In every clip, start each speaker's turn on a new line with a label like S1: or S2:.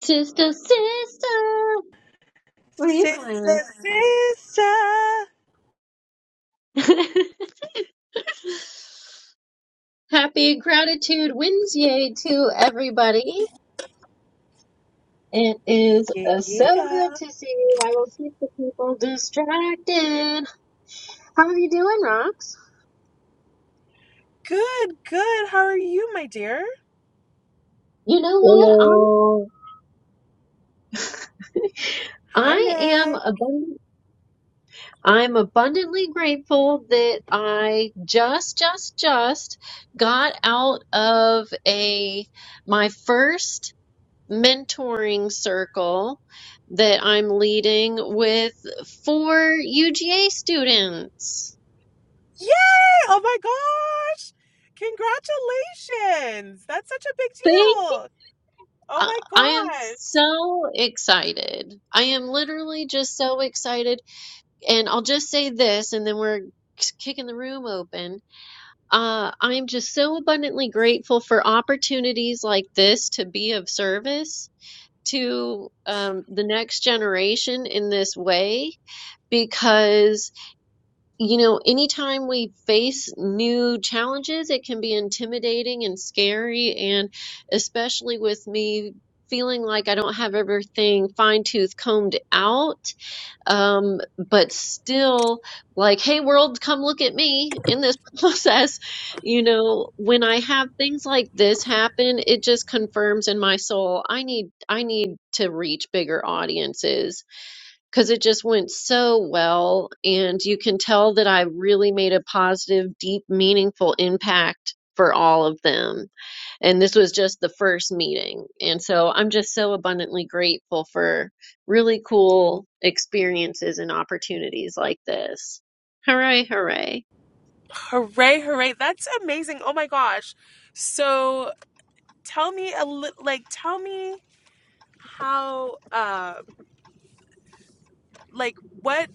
S1: Sister, sister, what are you doing?
S2: Sister, sister.
S1: Happy Gratitude Wednesday to everybody. It is
S2: Yeah,
S1: uh, so
S2: yeah.
S1: good to see you. I will keep the people distracted. How are you doing, Rox?
S2: Good, good. How are you, my dear?
S1: You know what? I'm,
S3: Hello,
S2: Hi,
S1: I am
S2: Nick.
S1: abundant. I'm abundantly grateful that I just, just, just got out of a my first. mentoring circle that I'm leading with four UGA students.
S2: Yay! Oh my gosh! Congratulations! That's such a big
S1: Thank
S2: deal. Oh
S1: I
S2: my
S1: I am
S2: gosh.
S1: so excited. I am literally just so excited. And I'll just say this, and then we're kicking the room open. Uh, I'm just so abundantly grateful for opportunities like this to be of service to um, the next generation in this way because you know, anytime we face new challenges, it can be intimidating and scary. And especially with me feeling like I don't have everything fine tooth combed out, um, but still like, hey, world, come look at me in this process. You know, when I have things like this happen, it just confirms in my soul, I need, I need to reach bigger audiences because it just went so well. And you can tell that I really made a positive, deep, meaningful impact for all of them. And this was just the first meeting. And so I'm just so abundantly grateful for really cool experiences and opportunities like this. Hooray, hooray.
S2: Hooray, hooray. That's amazing. Oh my gosh. So tell me a little, like, tell me how, uh, like, what,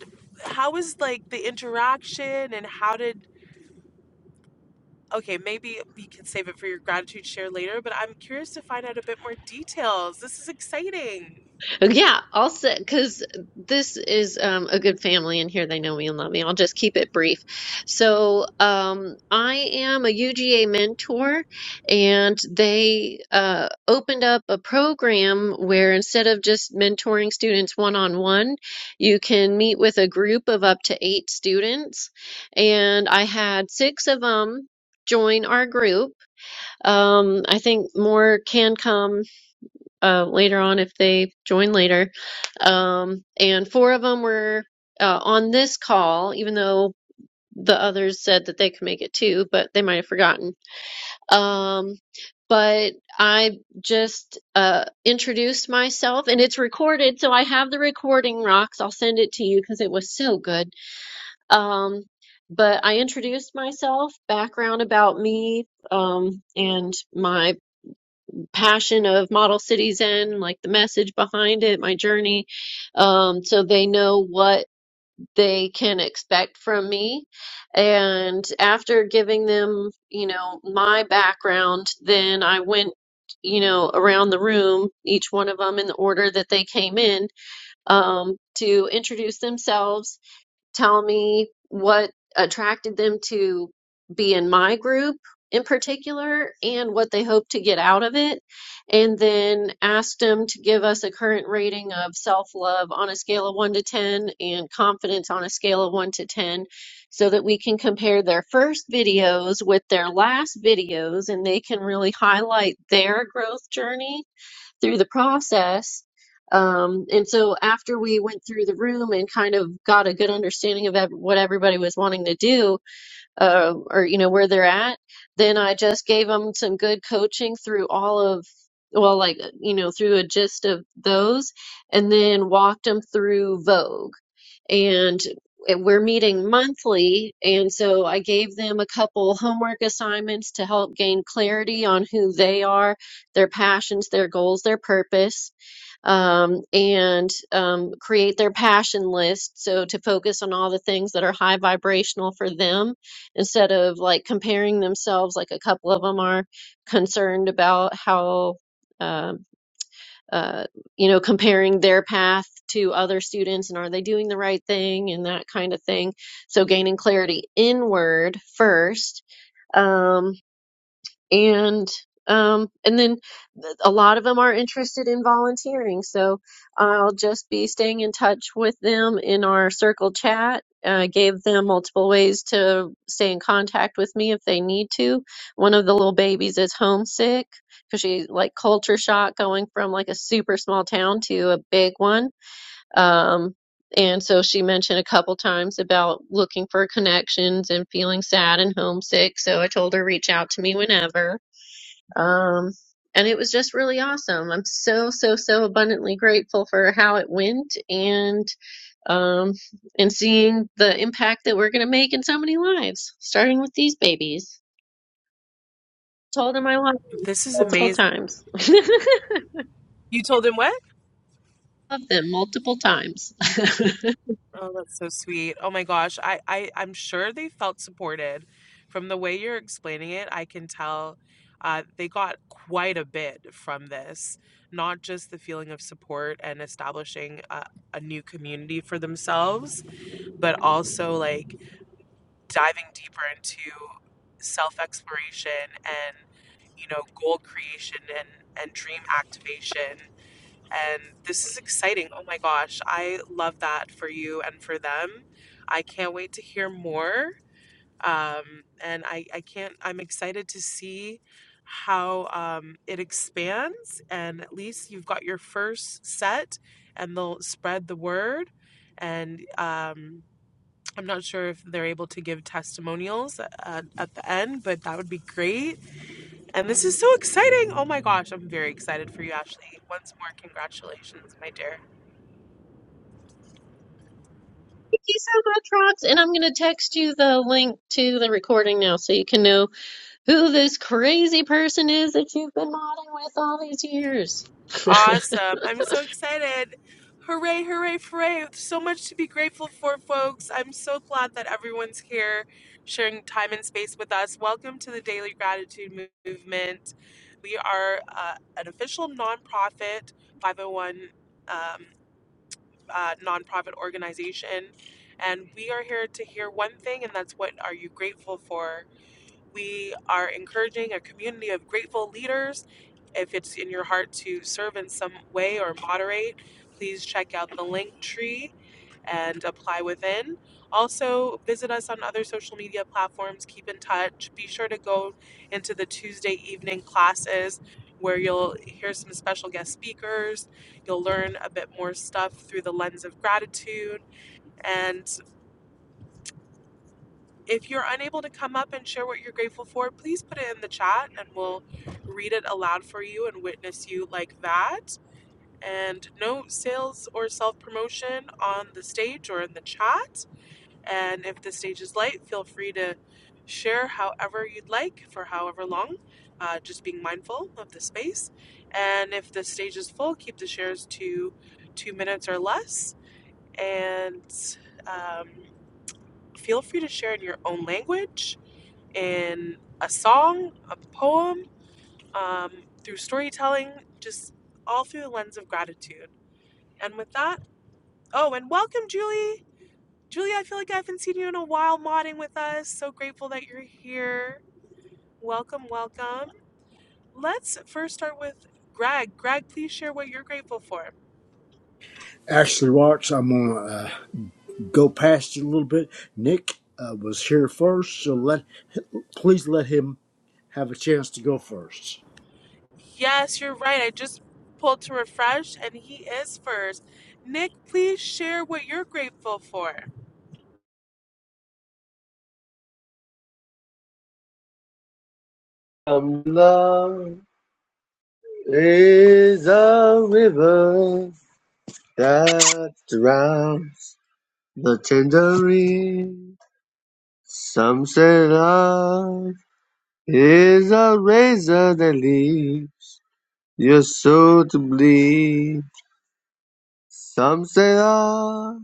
S2: how was, like, the interaction and how did Okay, maybe we can save it for your gratitude share later, but I'm curious to find out a bit more details. This is exciting.
S1: Yeah, I'll say because this is um, a good family in here. They know me and love me. I'll just keep it brief. So, um, I am a UGA mentor, and they uh, opened up a program where instead of just mentoring students one on one, you can meet with a group of up to eight students. And I had six of them join our group. Um, I think more can come uh, later on if they join later. Um, and four of them were uh, on this call, even though the others said that they could make it too, but they might have forgotten. Um, but I just uh, introduced myself, and it's recorded, so I have the recording, Rocks. I'll send it to you because it was so good. Um, but I introduced myself, background about me, um, and my passion of Model Cities End, like the message behind it, my journey, um, so they know what they can expect from me. And after giving them, you know, my background, then I went, you know, around the room, each one of them in the order that they came in, um, to introduce themselves tell me what attracted them to be in my group in particular and what they hope to get out of it. And then asked them to give us a current rating of self love on a scale of 1 to 10 and confidence on a scale of 1 to 10 so that we can compare their first videos with their last videos and they can really highlight their growth journey through the process. Um, and so after we went through the room and kind of got a good understanding of ev- what everybody was wanting to do, uh, or you know where they're at, then I just gave them some good coaching through all of, well, like you know through a gist of those, and then walked them through Vogue and it- we're meeting monthly. And so I gave them a couple homework assignments to help gain clarity on who they are, their passions, their goals, their purpose, um, and um, create their passion list. So to focus on all the things that are high vibrational for them instead of like comparing themselves, like a couple of them are concerned about how. Um, uh, you know, comparing their path to other students and are they doing the right thing and that kind of thing. So gaining clarity inward first. Um, and um and then a lot of them are interested in volunteering so i'll just be staying in touch with them in our circle chat uh, gave them multiple ways to stay in contact with me if they need to one of the little babies is homesick because she's like culture shock going from like a super small town to a big one um and so she mentioned a couple times about looking for connections and feeling sad and homesick so i told her reach out to me whenever um, and it was just really awesome. I'm so, so, so abundantly grateful for how it went and um, and seeing the impact that we're going to make in so many lives, starting with these babies. Told them I love them
S2: This is
S1: multiple
S2: amazing.
S1: times.
S2: You told him what?
S1: love them multiple times. Thank
S2: Oh, that's so sweet. Oh my gosh. I, I, I'm sure they felt supported. From the way you're explaining it, I can tell uh, they got quite a bit from this, not just the feeling of support and establishing a, a new community for themselves, but also like diving deeper into self exploration and you know goal creation and and dream activation and this is exciting oh my gosh i love that for you and for them i can't wait to hear more um, and I, I can't i'm excited to see how um, it expands and at least you've got your first set and they'll spread the word and um, I'm not sure if they're able to give testimonials at, at the end, but that would be great. And this is so exciting. Oh my gosh, I'm very excited for you, Ashley. Once more, congratulations, my dear.
S1: you so much, Rox. And I'm going to text you the link to the recording now so you can know who this crazy person is that you've been modding with all these years.
S2: Awesome. I'm so excited. Hooray, hooray, hooray. So much to be grateful for, folks. I'm so glad that everyone's here sharing time and space with us. Welcome to the Daily Gratitude Movement. We are uh, an official nonprofit 501. uh, nonprofit organization. And we are here to hear one thing, and that's what are you grateful for? We are encouraging a community of grateful leaders. If it's in your heart to serve in some way or moderate, please check out the link tree and apply within. Also, visit us on other social media platforms. Keep in touch. Be sure to go into the Tuesday evening classes where you'll hear some special guest speakers. You'll learn a bit more stuff through the lens of gratitude. And if you're unable to come up and share what you're grateful for, please put it in the chat and we'll read it aloud for you and witness you like that. And no sales or self promotion on the stage or in the chat. And if the stage is light, feel free to share however you'd like for however long, uh, just being mindful of the space. And if the stage is full, keep the shares to two minutes or less. And um, feel free to share in your own language in a song, a poem, um, through storytelling, just all through the lens of gratitude. And with that, oh, and welcome, Julie. Julie, I feel like I haven't seen you in a while modding with us. So grateful that you're here. Welcome, welcome. Let's first start with Greg. Greg, please share what you're grateful for.
S4: Actually, Watts, I'm going to uh, go past it a little bit. Nick uh, was here first, so let please let him have a chance to go first.
S2: Yes, you're right. I just pulled to refresh and he is first. Nick, please share what you're grateful for.
S3: um, love is a river that drowns the tangerine. Some say love is a razor that leaves your soul to bleed. Some say love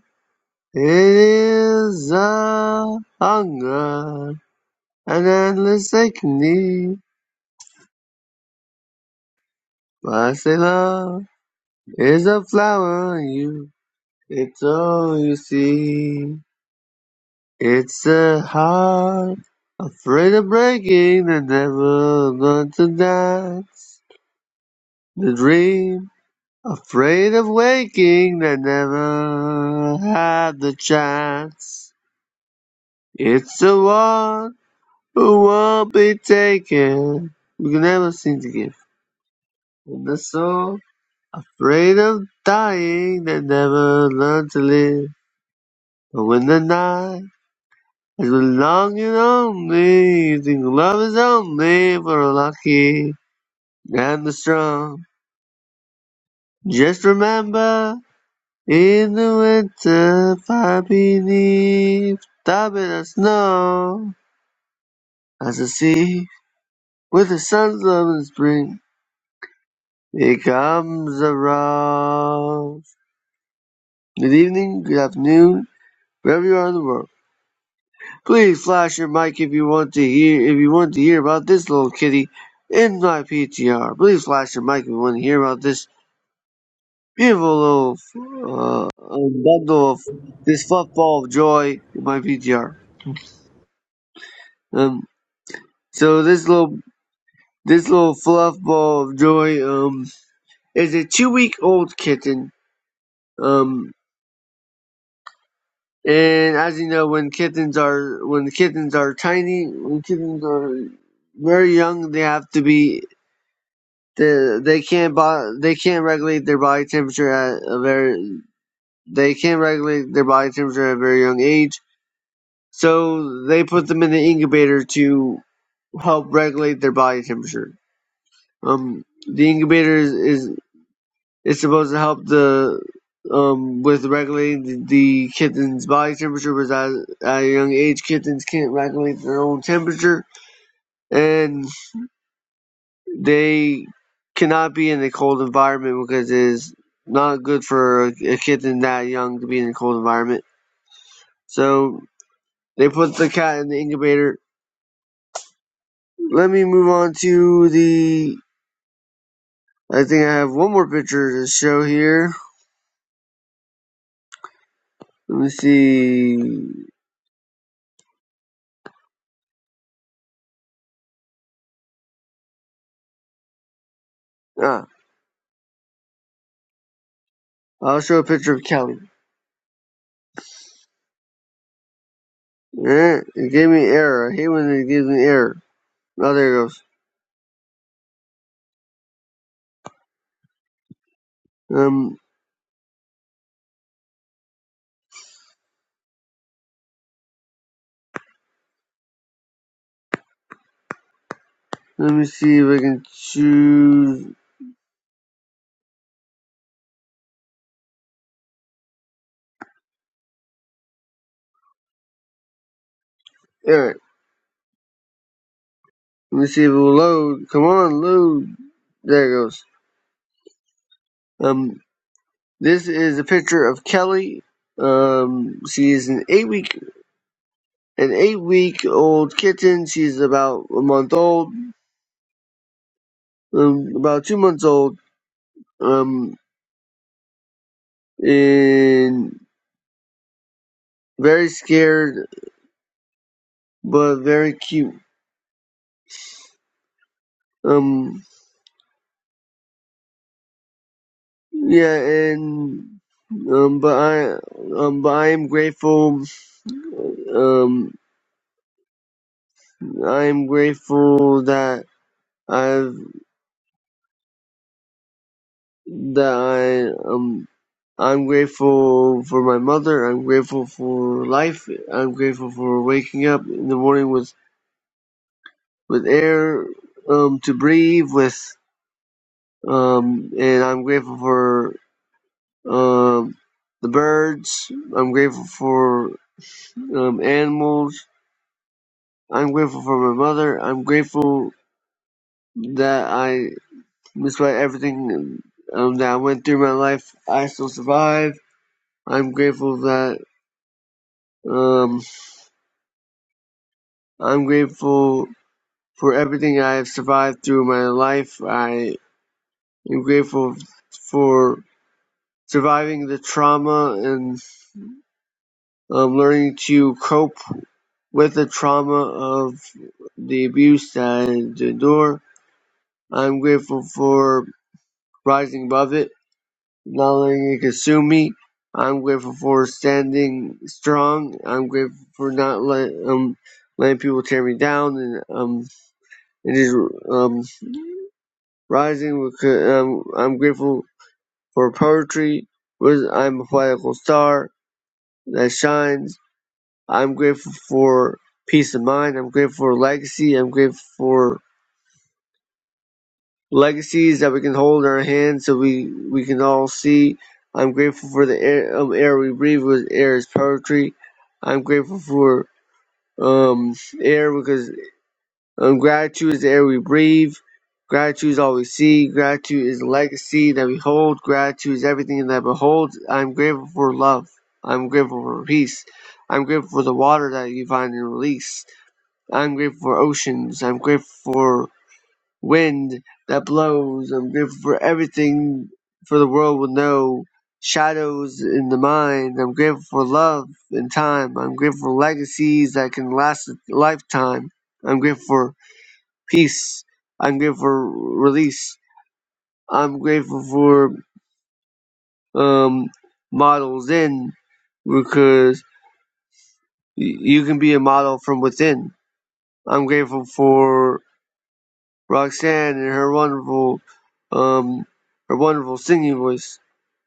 S3: is a hunger, an endless aching need. But I say love is a flower in you. It's all you see. It's a heart afraid of breaking and never learned to dance. The dream afraid of waking that never had the chance. It's the one who won't be taken. We can never seem to give. And the soul afraid of dying that never learned to live. But when the night As long as I'm breathing, love is only for the lucky and the strong. Just remember, in the winter, far beneath the bitter snow, as the sea with the sun's love in spring becomes a rose. Good evening, good afternoon, wherever you are in the world. Please flash your mic if you want to hear if you want to hear about this little kitty in my PTR. Please flash your mic if you want to hear about this beautiful little uh, uh, bundle of this fluff ball of joy in my PTR. Um, so this little this little fluff ball of joy um is a two week old kitten. Um, and as you know, when kittens are when kittens are tiny, when kittens are very young, they have to be The, they can't bo- they can't regulate their body temperature at a very they can't regulate their body temperature at a very young age. So they put them in the incubator to help regulate their body temperature. Um, the incubator is, is is supposed to help the um with regulating the, kitten's body temperature, because at, at a young age, kittens can't regulate their own temperature, and They cannot be in a cold environment because it is not good for a, a kitten that young to be in a cold environment. So they put the cat in the incubator. Let me move on to the. I think I have one more picture to show here. Let me see. Ah, I'll show a picture of Kelly. Eh, It gave me an error. I hate when it gives me an error. Oh, there it goes. Um, let me see if I can choose. Yeah, Let me see if it will load. Come on, load. There it goes. Um, this is a picture of Kelly. Um, she is an eight week an eight week old kitten. She's about a month old, um, about two months old. Um, and very scared, but very cute. Um, yeah, and um, but I um, but I am grateful. Um, I am grateful that I've that I um I'm grateful for my mother. I'm grateful for life. I'm grateful for waking up in the morning with with air um to breathe with um and I'm grateful for um the birds. I'm grateful for um animals. I'm grateful for my mother. I'm grateful that I despite everything um that I went through in my life, I still survived. I'm grateful that um. I'm grateful for everything I have survived through my life. I am grateful for surviving the trauma and um, learning to cope with the trauma of the abuse that I had to endure. I'm grateful for rising above it, not letting it consume me. I'm grateful for standing strong. I'm grateful for not let, um, letting people tear me down and um, and just um, Rising because I'm, grateful for poetry. I'm a poetical star that shines. I'm grateful for peace of mind. I'm grateful for legacy. I'm grateful for legacies that we can hold in our hands so we, we can all see. I'm grateful for the air, um, air we breathe With air is poetry. I'm grateful for um, air because Um, gratitude is the air we breathe. Gratitude is all we see. Gratitude is the legacy that we hold. Gratitude is everything that beholds. I'm grateful for love. I'm grateful for peace. I'm grateful for the water that you find and release. I'm grateful for oceans. I'm grateful for wind that blows. I'm grateful for everything for the world will know. Shadows in the mind. I'm grateful for love and time. I'm grateful for legacies that can last a lifetime. I'm grateful for peace. I'm grateful for release. I'm grateful for um, models in because y- you can be a model from within. I'm grateful for Roxanne and her wonderful, um, her wonderful singing voice.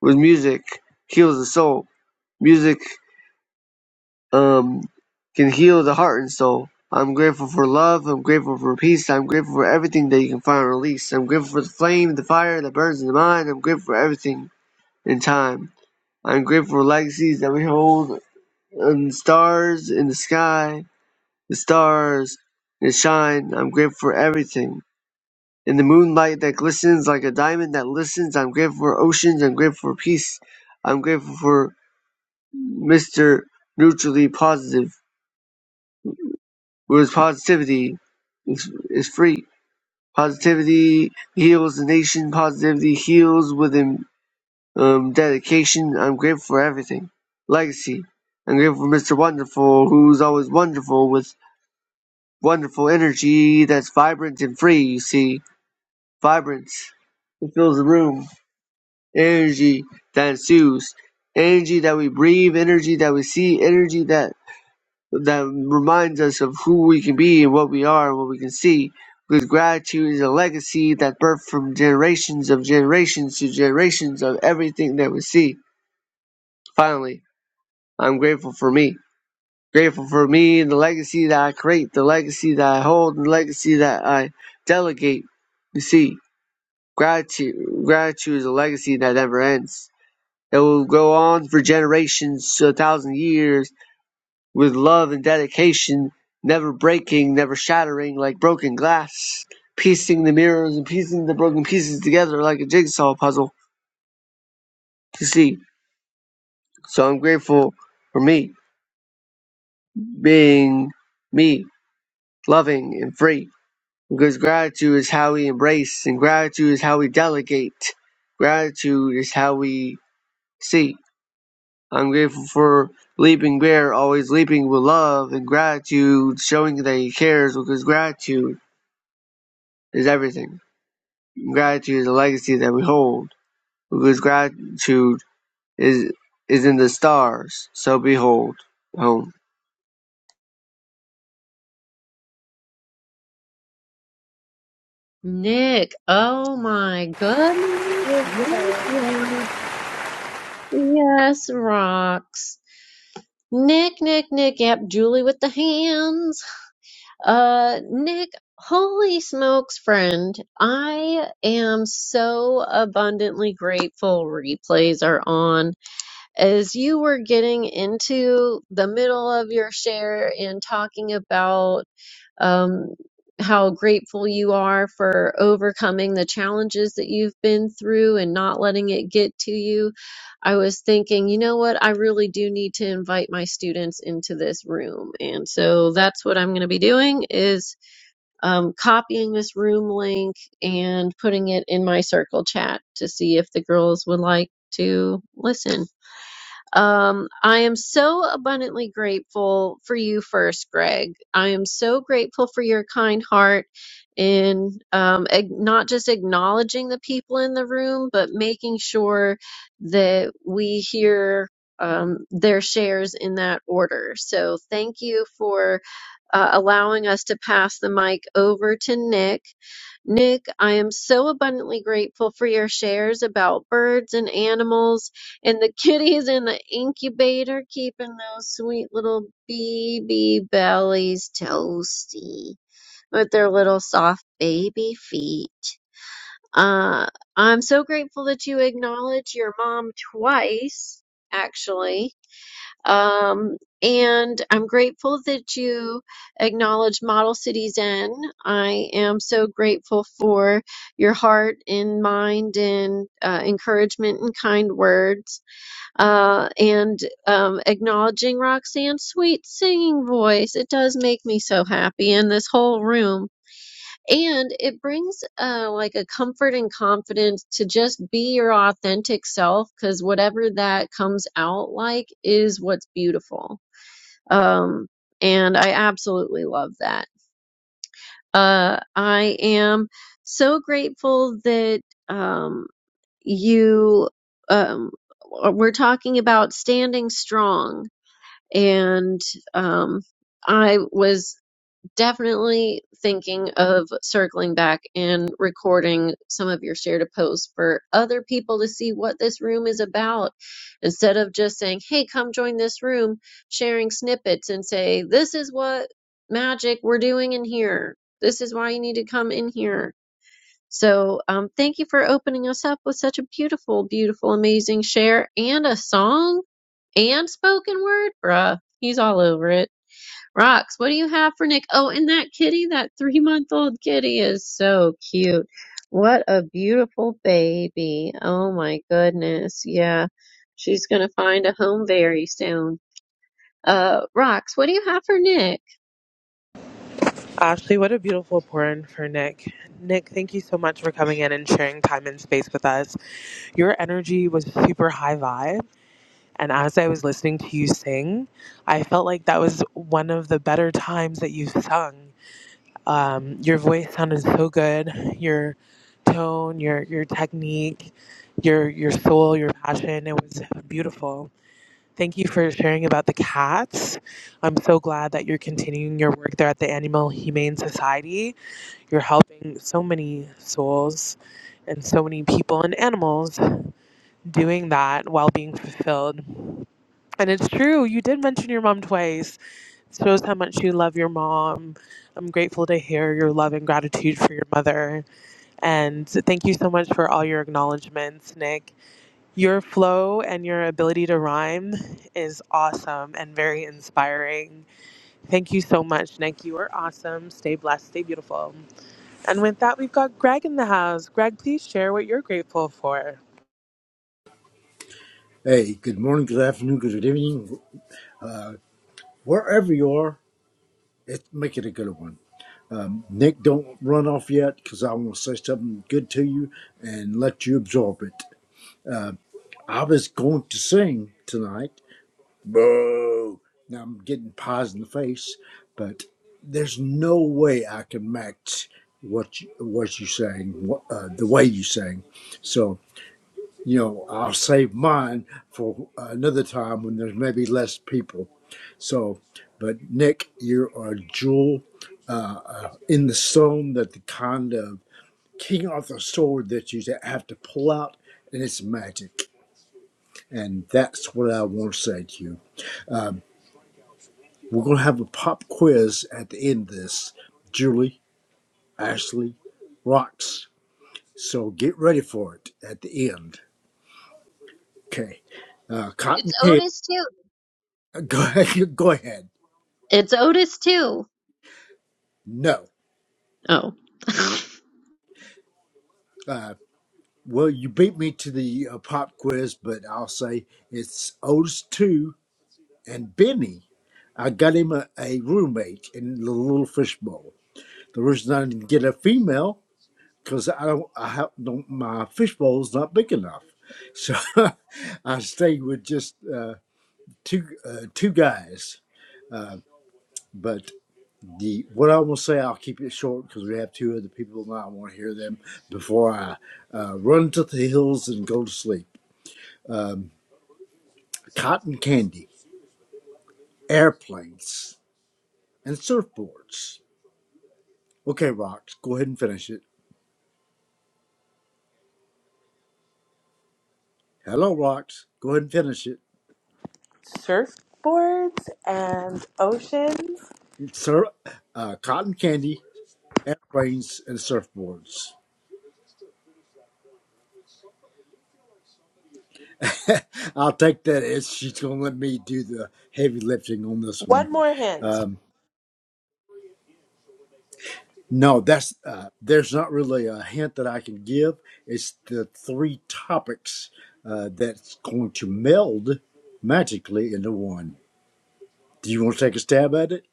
S3: With music heals the soul. Music um, can heal the heart and soul. I'm grateful for love. I'm grateful for peace. I'm grateful for everything that you can find and release. I'm grateful for the flame, the fire, the birds, and the mind. I'm grateful for everything. in time. I am grateful for legacies that we hold and stars in the sky, the stars that shine. I'm grateful for everything. In the moonlight that glistens like a diamond that listens, I'm grateful for oceans, I'm grateful for peace. I'm grateful for Mr. Neutrally Positive, whose positivity is, is free. Positivity heals the nation, positivity heals within um, dedication. I'm grateful for everything. Legacy. I'm grateful for Mr. Wonderful, who's always wonderful with wonderful energy that's vibrant and free, you see. Vibrance. It fills the room. Energy that ensues. Energy that we breathe, energy that we see, energy that that reminds us of who we can be and what we are and what we can see. Because gratitude is a legacy that birthed from generations of generations to generations of everything that we see. Finally. I'm grateful for me. Grateful for me and the legacy that I create, the legacy that I hold, and the legacy that I delegate. You see, gratitude, gratitude is a legacy that never ends. It will go on for generations to a thousand years with love and dedication, never breaking, never shattering like broken glass, piecing the mirrors and piecing the broken pieces together like a jigsaw puzzle. You see, so I'm grateful for me being me, loving and free Because gratitude is how we embrace, and gratitude is how we delegate. Gratitude is how we see. I'm grateful for Leaping Bear always leaping with love and gratitude, showing that he cares because gratitude is everything. Gratitude is a legacy that we hold because gratitude is is in the stars. So behold home.
S1: Nick, oh my goodness. Yes,
S2: Okay.
S1: Rox. Yes, rocks. Nick, Nick, Nick, yep, Julie with the hands. Uh, Nick, holy smokes, friend. I am so abundantly grateful replays are on. As you were getting into the middle of your share and talking about um, how grateful you are for overcoming the challenges that you've been through and not letting it get to you. I was thinking, you know what? I really do need to invite my students into this room. And so that's what I'm going to be doing is um, copying this room link and putting it in my circle chat to see if the girls would like to listen. Um, I am so abundantly grateful for you first, Greg. I am so grateful for your kind heart in um, ag- not just acknowledging the people in the room, but making sure that we hear um, their shares in that order. So thank you for uh, allowing us to pass the mic over to Nick. Nick, I am so abundantly grateful for your shares about birds and animals and the kitties in the incubator, keeping those sweet little baby bellies toasty with their little soft baby feet. Uh, I'm so grateful that you acknowledge your mom twice, actually um, and I'm grateful that you acknowledge Model Cities N. I am so grateful for your heart and mind and uh, encouragement and kind words. Uh, and um, acknowledging Roxanne's sweet singing voice. It does make me so happy. And this whole room and it brings uh, like a comfort and confidence to just be your authentic self because whatever that comes out like is what's beautiful um, and i absolutely love that uh, i am so grateful that um, you um, we're talking about standing strong and um, i was definitely thinking of circling back and recording some of your shared posts for other people to see what this room is about instead of just saying hey come join this room sharing snippets and say this is what magic we're doing in here this is why you need to come in here so um, thank you for opening us up with such a beautiful beautiful amazing share and a song and spoken word bruh he's all over it Rocks, what do you have for Nick? Oh, and that kitty, that three month old kitty is so cute. What a beautiful baby. Oh my goodness. Yeah. She's going to find a home very soon. Uh, Rocks, what do you have for Nick?
S2: Ashley, what a beautiful pour in for Nick. Nick, thank you so much for coming in and sharing time and space with us. Your energy was super high vibe. And as I was listening to you sing, I felt like that was one of the better times that you've sung. Um, your voice sounded so good. Your tone, your your technique, your your soul, your passion. It was beautiful. Thank you for sharing about the cats. I'm so glad that you're continuing your work there at the Animal Humane Society you're helping so many souls and so many people and animals doing that while being fulfilled. And it's true, you did mention your mom twice. It shows how much you love your mom. I'm grateful to hear your love and gratitude for your mother. And thank you so much for all your acknowledgments, Nick. Your flow and your ability to rhyme is awesome and very inspiring. Thank you so much, Nick. You are awesome. Stay blessed, stay beautiful. And with that, we've got Greg in the house. Greg, please share what you're grateful for.
S4: Hey, good morning, good afternoon, good evening, wherever you are. It, make it a good one. Nick, don't run off yet because I want to say something good to you and let you absorb it. I was going to sing tonight, Boo. Now I'm getting paws in the face, but there's no way I can match what you, what you sang, wh- uh, the way you sang. So you know, I'll save mine for another time when there's maybe less people. So, but Nick, you're a jewel uh, uh, in the stone that the kind of King Arthur sword that you have to pull out, and it's magic. And that's what I want to say to you. Um, We're going to have a pop quiz at the end of this. Julie, Ashley, rocks. So get ready for it at the end. Okay. Uh, Cotton
S1: It's
S4: Candy.
S1: Otis too.
S4: uh, Go ahead. Go ahead.
S1: It's Otis too.
S4: No.
S1: Oh.
S4: Uh, well, you beat me to the uh, pop quiz, but I'll say it's Otis 2 and Benny. I got him a, a roommate in the Little Fishbowl. The reason I didn't get a female because I don't, I have, don't, my fishbowl's not big enough. So I stay with just uh, two, uh, two guys. But the what I will say, I'll keep it short because we have two other people and I want to hear them before I uh, run to the hills and go to sleep. Cotton candy, airplanes, and surfboards. Okay, Rox, go ahead and finish it. Hello, Rox, go ahead and finish it.
S2: Surfboards and oceans.
S4: Sir, uh, cotton candy, airplanes, and surfboards. I'll take that as she's going to let me do the heavy lifting on this one.
S2: One more hint.
S4: Um, no, that's uh, there's not really a hint that I can give. It's the three topics uh, that's going to meld magically into one. Do you want to take a stab at it?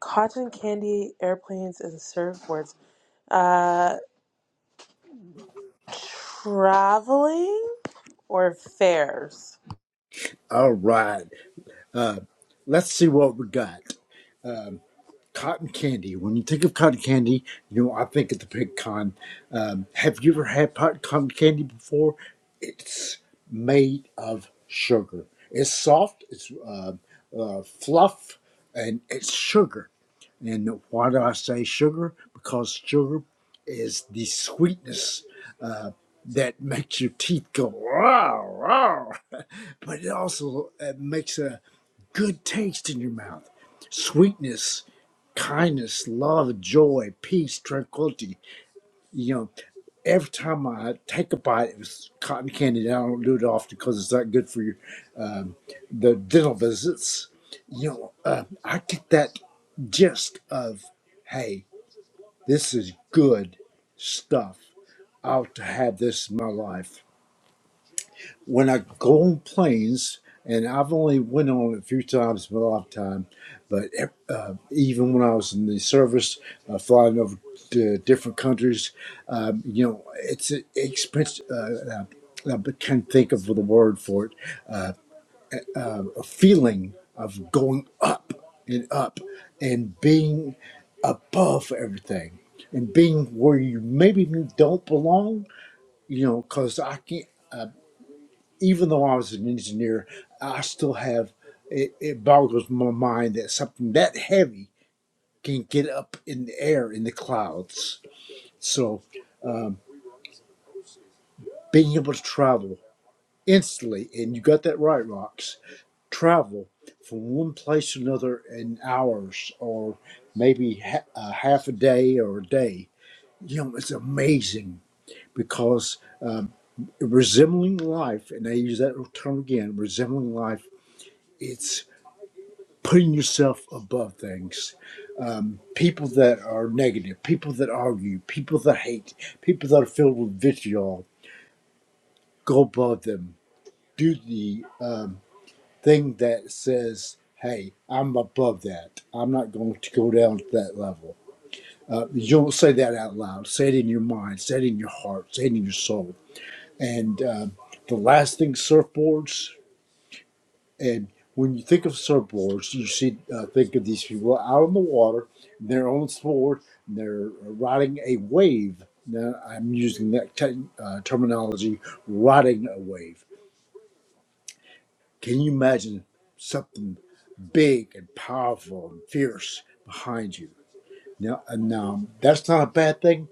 S2: Cotton candy, airplanes, and surfboards. Uh, traveling or fairs?
S4: All right. Uh, let's see what we got. cotton candy. When you think of cotton candy, you know I think of the pecan. Um, have you ever had pot cotton candy before? It's made of sugar. It's soft. It's uh, uh, fluff, and it's sugar. And why do I say sugar? Because sugar is the sweetness uh, that makes your teeth go wow, wow. But it also uh, makes a good taste in your mouth. Sweetness kindness, love, joy, peace, tranquility. You know, every time I take a bite, it was cotton candy. And I don't do it often because it's not good for your um, the dental visits. You know, uh, I get that gist of, hey, this is good stuff. I'll have this in my life when I go on planes, and I've only went on a few times in my lifetime, but eh, uh, even when I was in the service, uh, flying over to different countries, um, you know, it's an expense. Uh, uh, I can't think of the word for it. A feeling of going up and up and being above everything and being where you maybe don't belong. You know, because I can't. even though I was an engineer, I still have it, it boggles my mind that something that heavy can get up in the air in the clouds. So being able to travel instantly, and you got that right, Rox, travel from one place to another in hours or maybe ha- a half a day or a day, you know, it's amazing because resembling life, and I use that term again, resembling life. it's. putting yourself above things. Um, people that are negative, people that argue, people that hate, people that are filled with vitriol, go above them. Do the um, thing that says, hey, I'm above that. I'm not going to go down to that level. Uh, you don't say that out loud. Say it in your mind, say it in your heart, say it in your soul. And um the last thing, surfboards. And when you think of surfboards, you should uh, think of these people out on the water, they're on sport, and they're riding a wave. Now, I'm using that te- uh, terminology, riding a wave. Can you imagine something big and powerful and fierce behind you? Now, and um, that's not a bad thing,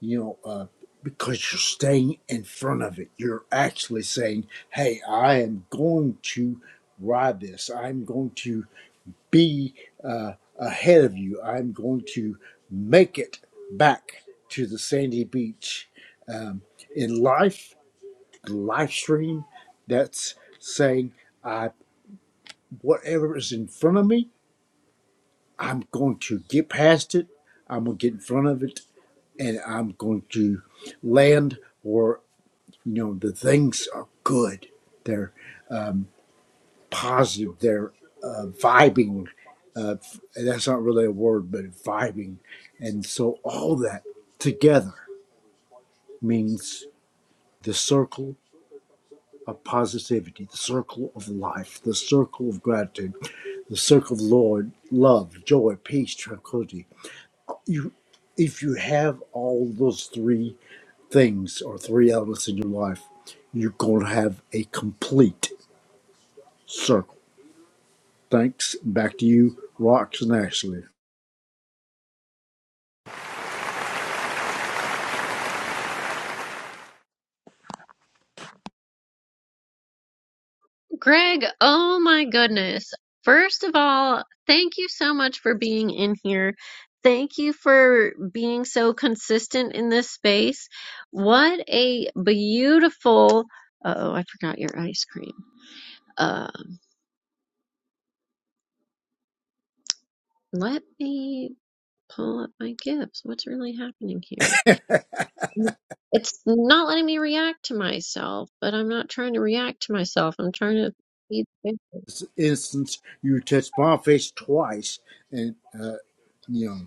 S4: you know, uh, because you're staying in front of it. You're actually saying, hey, I am going to ride this. I'm going to be uh, ahead of you. I'm going to make it back to the sandy beach. Um, in life, the live stream, that's saying, I, whatever is in front of me, I'm going to get past it. I'm going to get in front of it and I'm going to land where, you know, the things are good. They're. positive. They're uh, vibing. Uh, that's not really a word, but vibing. And so all that together means the circle of positivity, the circle of life, the circle of gratitude, the circle of Lord, love, joy, peace, tranquility. You, if you have all those three things or three elements in your life, you're going to have a complete circle. Thanks. Back to you, Rox and Ashley.
S1: Greg, oh my goodness. First of all, thank you so much for being in here. Thank you for being so consistent in this space. What a beautiful. Oh, I forgot your ice cream. Um, let me pull up my gifts. What's really happening here? It's not letting me react to myself, but I'm not trying to react to myself. I'm trying to.
S4: this instance, you touch Boniface twice and, uh, you know,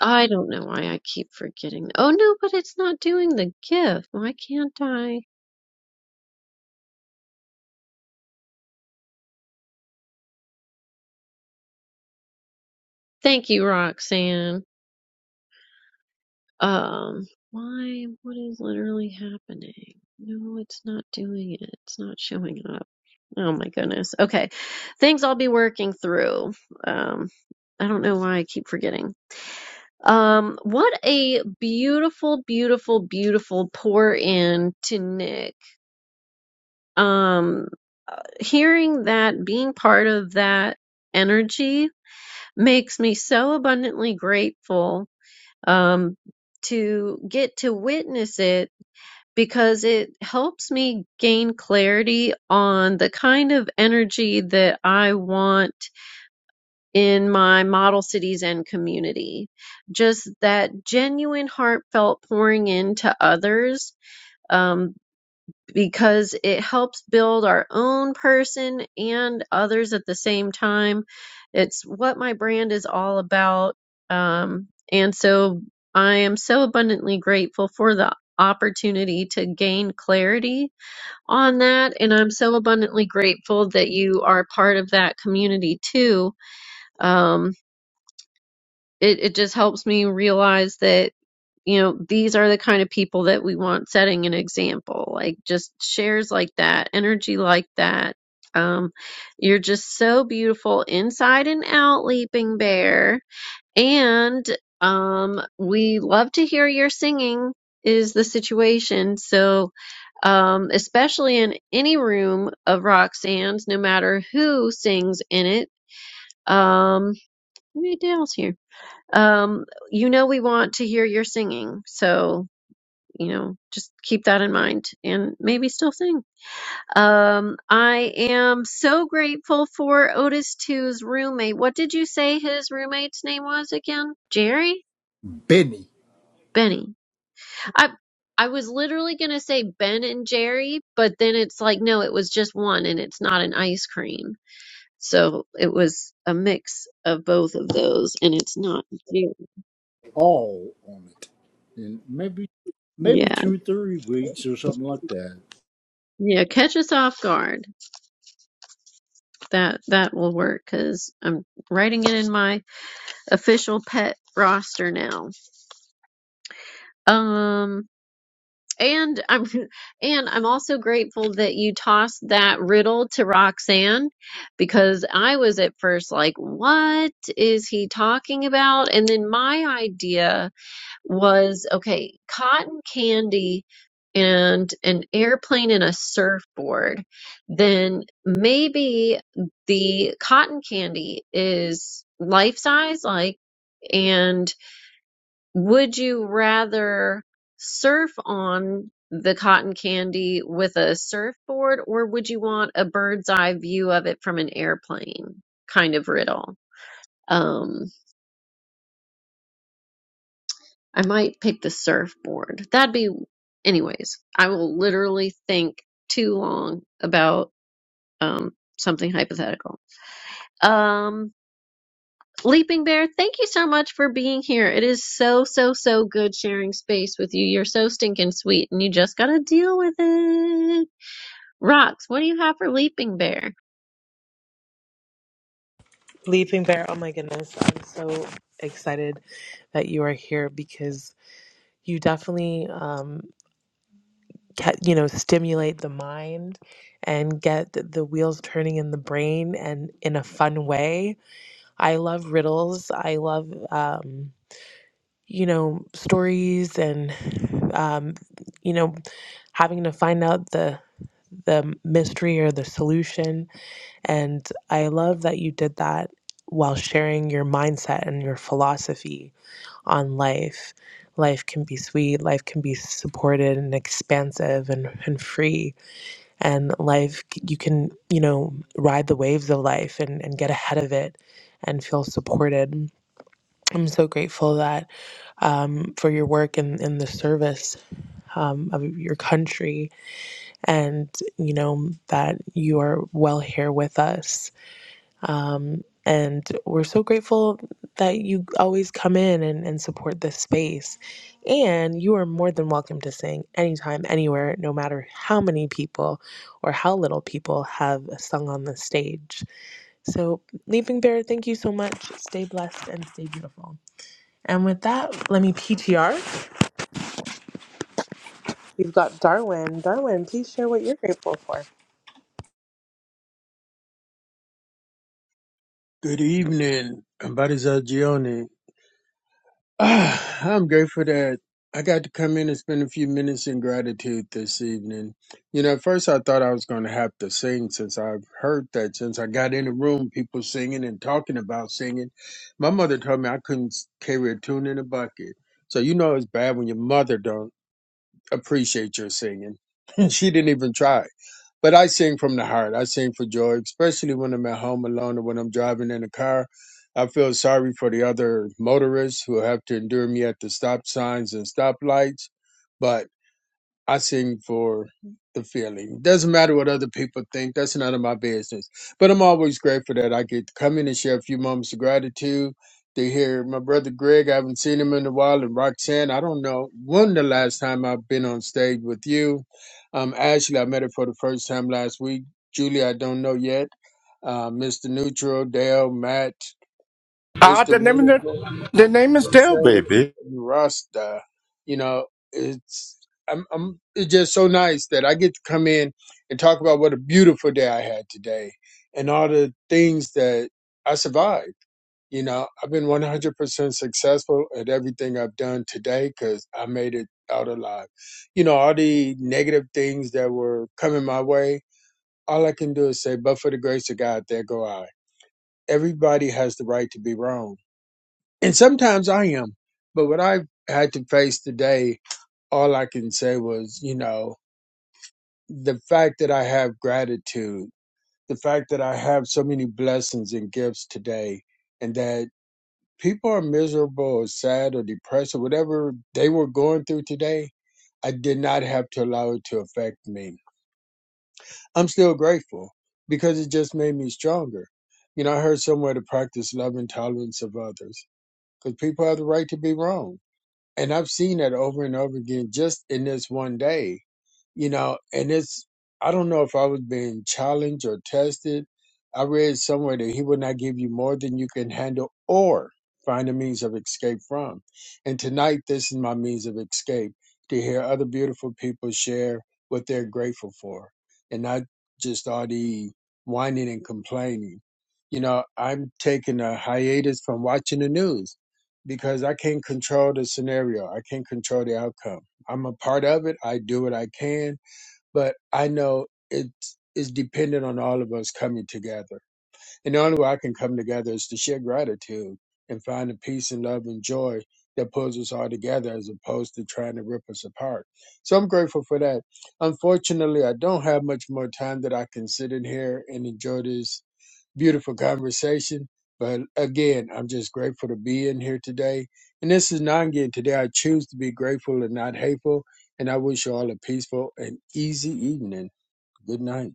S1: I don't know why I keep forgetting. Oh no, but it's not doing the gift. Why can't I? Thank you, Roxanne. Um, why? What is literally happening? No, it's not doing it. It's not showing up. Oh my goodness. Okay. Things I'll be working through. Um, I don't know why I keep forgetting. Um, what a beautiful, beautiful, beautiful pour in to Nick. Um, hearing that, being part of that energy makes me so abundantly grateful um, to get to witness it because it helps me gain clarity on the kind of energy that I want in my model cities and community. Just that genuine, heartfelt pouring into others. um, because it helps build our own person and others at the same time. It's what my brand is all about. Um, and so I am so abundantly grateful for the opportunity to gain clarity on that. And I'm so abundantly grateful that you are part of that community too. Um, it, it just helps me realize that you know, these are the kind of people that we want setting an example, like just shares like that, energy like that. Um, you're just so beautiful inside and out, Leaping Bear. And um, we love to hear your singing, is the situation. So, um, especially in any room of Roxanne's, no matter who sings in it. Um, what else here? Um, you know, we want to hear your singing. So, you know, just keep that in mind and maybe still sing. Um, I am so grateful for Otis Two's roommate. What did you say his roommate's name was again? Jerry?
S4: Benny
S1: Benny. I I was literally gonna say Ben and Jerry, but then it's like no, it was just one and it's not an ice cream. So it was a mix of both of those and it's not Jerry.
S4: all on it. And maybe, maybe
S1: Yeah.
S4: two, three weeks or something like that.
S1: Yeah, catch us off guard. That that will work because I'm writing it in my official pet roster now. Um and I'm and I'm also grateful that you tossed that riddle to Roxanne because I was at first like what is he talking about and then my idea was okay cotton candy and an airplane and a surfboard then maybe the cotton candy is life size like and would you rather surf on the cotton candy with a surfboard or would you want a bird's eye view of it from an airplane kind of riddle um i might pick the surfboard that'd be anyways i will literally think too long about um something hypothetical Um. Leaping Bear, thank you so much for being here. It is so, so, so good sharing space with you. You're so stinking sweet and you just gotta deal with it. Rocks, what do you have for Leaping Bear?
S2: Leaping Bear, oh my goodness. I'm so excited that you are here because you definitely um, get you know stimulate the mind and get th- the wheels turning in the brain and in a fun way i love riddles i love um you know stories and um you know having to find out the the mystery or the solution and i love that you did that while sharing your mindset and your philosophy on life life can be sweet life can be supported and expansive and, and free and life you can you know ride the waves of life and, and get ahead of it and feel supported i'm so grateful that um, for your work and in, in the service um, of your country and you know that you are well here with us um, and we're so grateful that you always come in and, and support this space. And you are more than welcome to sing anytime, anywhere, no matter how many people or how little people have sung on the stage. So, Leaping Bear, thank you so much. Stay blessed and stay beautiful. And with that, let me PTR. We've got Darwin. Darwin, please share what you're grateful for.
S5: Good evening, Abadiza Gioni. Ah, I'm grateful that I got to come in and spend a few minutes in gratitude this evening. You know, at first I thought I was going to have to sing since I've heard that since I got in the room, people singing and talking about singing. My mother told me I couldn't carry a tune in a bucket. So you know it's bad when your mother don't appreciate your singing. she didn't even try. But I sing from the heart. I sing for joy, especially when I'm at home alone or when I'm driving in a car. I feel sorry for the other motorists who have to endure me at the stop signs and stoplights. But I sing for the feeling. Doesn't matter what other people think. That's none of my business. But I'm always grateful that I get to come in and share a few moments of gratitude. To hear my brother Greg, I haven't seen him in a while, and Roxanne, I don't know when the last time I've been on stage with you. Um, Ashley, I met her for the first time last week. Julie, I don't know yet. Uh, Mr. Neutral, Dale, Matt,
S6: Ah,
S5: Mr.
S6: the name the,
S5: Wonderful
S6: the name is
S5: and
S6: Dell,
S5: Sarah
S6: baby.
S5: and Rasta. You know, it's I'm, I'm it's just so nice that I get to come in and talk about what a beautiful day I had today and all the things that I survived. You know, I've been 100% successful at everything I've done today because I made it out alive. You know, all the negative things that were coming my way, all I can do is say, but for the grace of God, there go I. Everybody has the right to be wrong and sometimes I am. But what I had to face today, all I can say was, you know, the fact that I have gratitude, the fact that I have so many blessings and gifts today, and that people are miserable or sad or depressed or whatever they were going through today, I did not have to allow it to affect me. I'm still grateful because it just made me stronger. You know, I heard somewhere to practice love and tolerance of others because people have the right to be wrong And I've seen that over and over again just in this one day you know, and it's, I don't know if I was being challenged or tested. I read somewhere that he will not give you more than you can handle or find a means of escape from. And tonight, this is my means of escape to hear other beautiful people share what they're grateful for and not just all the whining and complaining. You know, I'm taking a hiatus from watching the news because I can't control the scenario, I can't control the outcome I'm a part of it. I do what I can, but I know it is dependent on all of us coming together. And the only way I can come together is to share gratitude and find the peace and love and joy that pulls us all together as opposed to trying to rip us apart. So I'm grateful for that. Unfortunately, I don't have much more time that I can sit in here and enjoy this beautiful conversation. But again, I'm just grateful to be in here today. And this is Nangi. Today I choose to be grateful and not hateful. And I wish you all a peaceful and easy evening. Good night.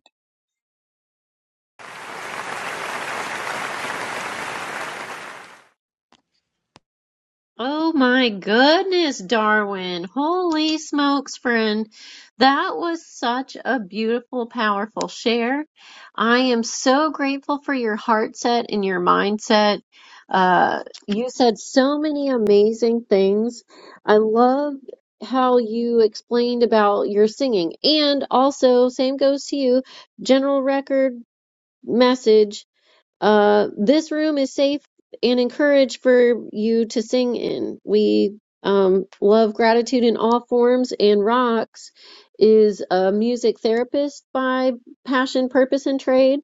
S1: Oh my goodness, Darwin. Holy smokes, friend. That was such a beautiful, powerful share. I am so grateful for your heart set and your mindset. Uh, you said so many amazing things. I love how you explained about your singing. And also, same goes to you, general record message uh, this room is safe and encouraged for you to sing in. We um, love gratitude in all forms, and Rox is a music therapist by passion, purpose, and trade.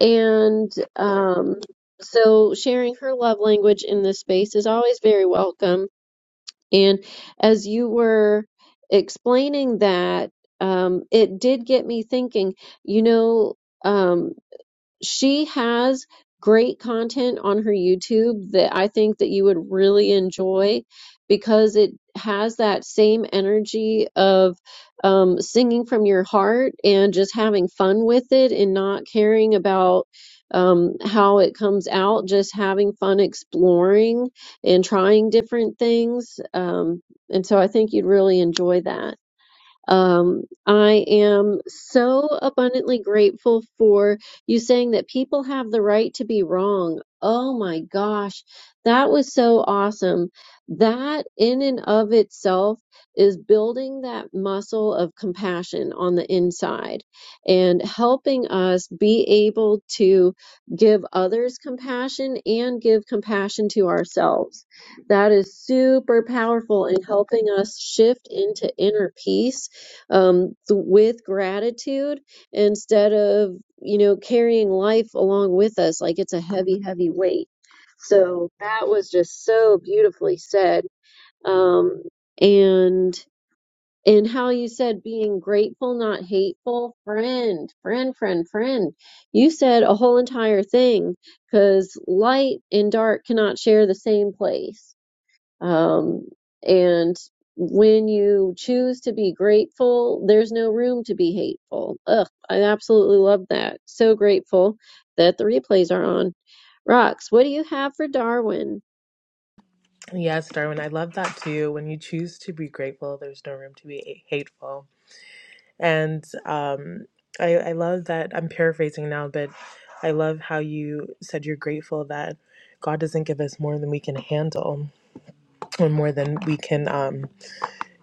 S1: And um, so sharing her love language in this space is always very welcome. And as you were explaining that, um, it did get me thinking, you know. Um, she has great content on her YouTube that I think that you would really enjoy because it has that same energy of um, singing from your heart and just having fun with it and not caring about um, how it comes out, just having fun exploring and trying different things. Um, and so I think you'd really enjoy that. Um, I am so abundantly grateful for you saying that people have the right to be wrong. Oh my gosh, that was so awesome. That in and of itself is building that muscle of compassion on the inside and helping us be able to give others compassion and give compassion to ourselves. That is super powerful in helping us shift into inner peace um, th- with gratitude instead of, you know, carrying life along with us like it's a heavy, heavy weight. So that was just so beautifully said. Um, and and how you said being grateful, not hateful, friend, friend, friend, friend. You said a whole entire thing because light and dark cannot share the same place um, and when you choose to be grateful, there's no room to be hateful. Ugh, I absolutely love that. So grateful that the replays are on. Rox, what do you have for Darwin?
S2: Yes, Darwin, I love that too. When you choose to be grateful, there's no room to be hateful. And um, I, I love that I'm paraphrasing now, but I love how you said you're grateful that God doesn't give us more than we can handle or more than we can, um,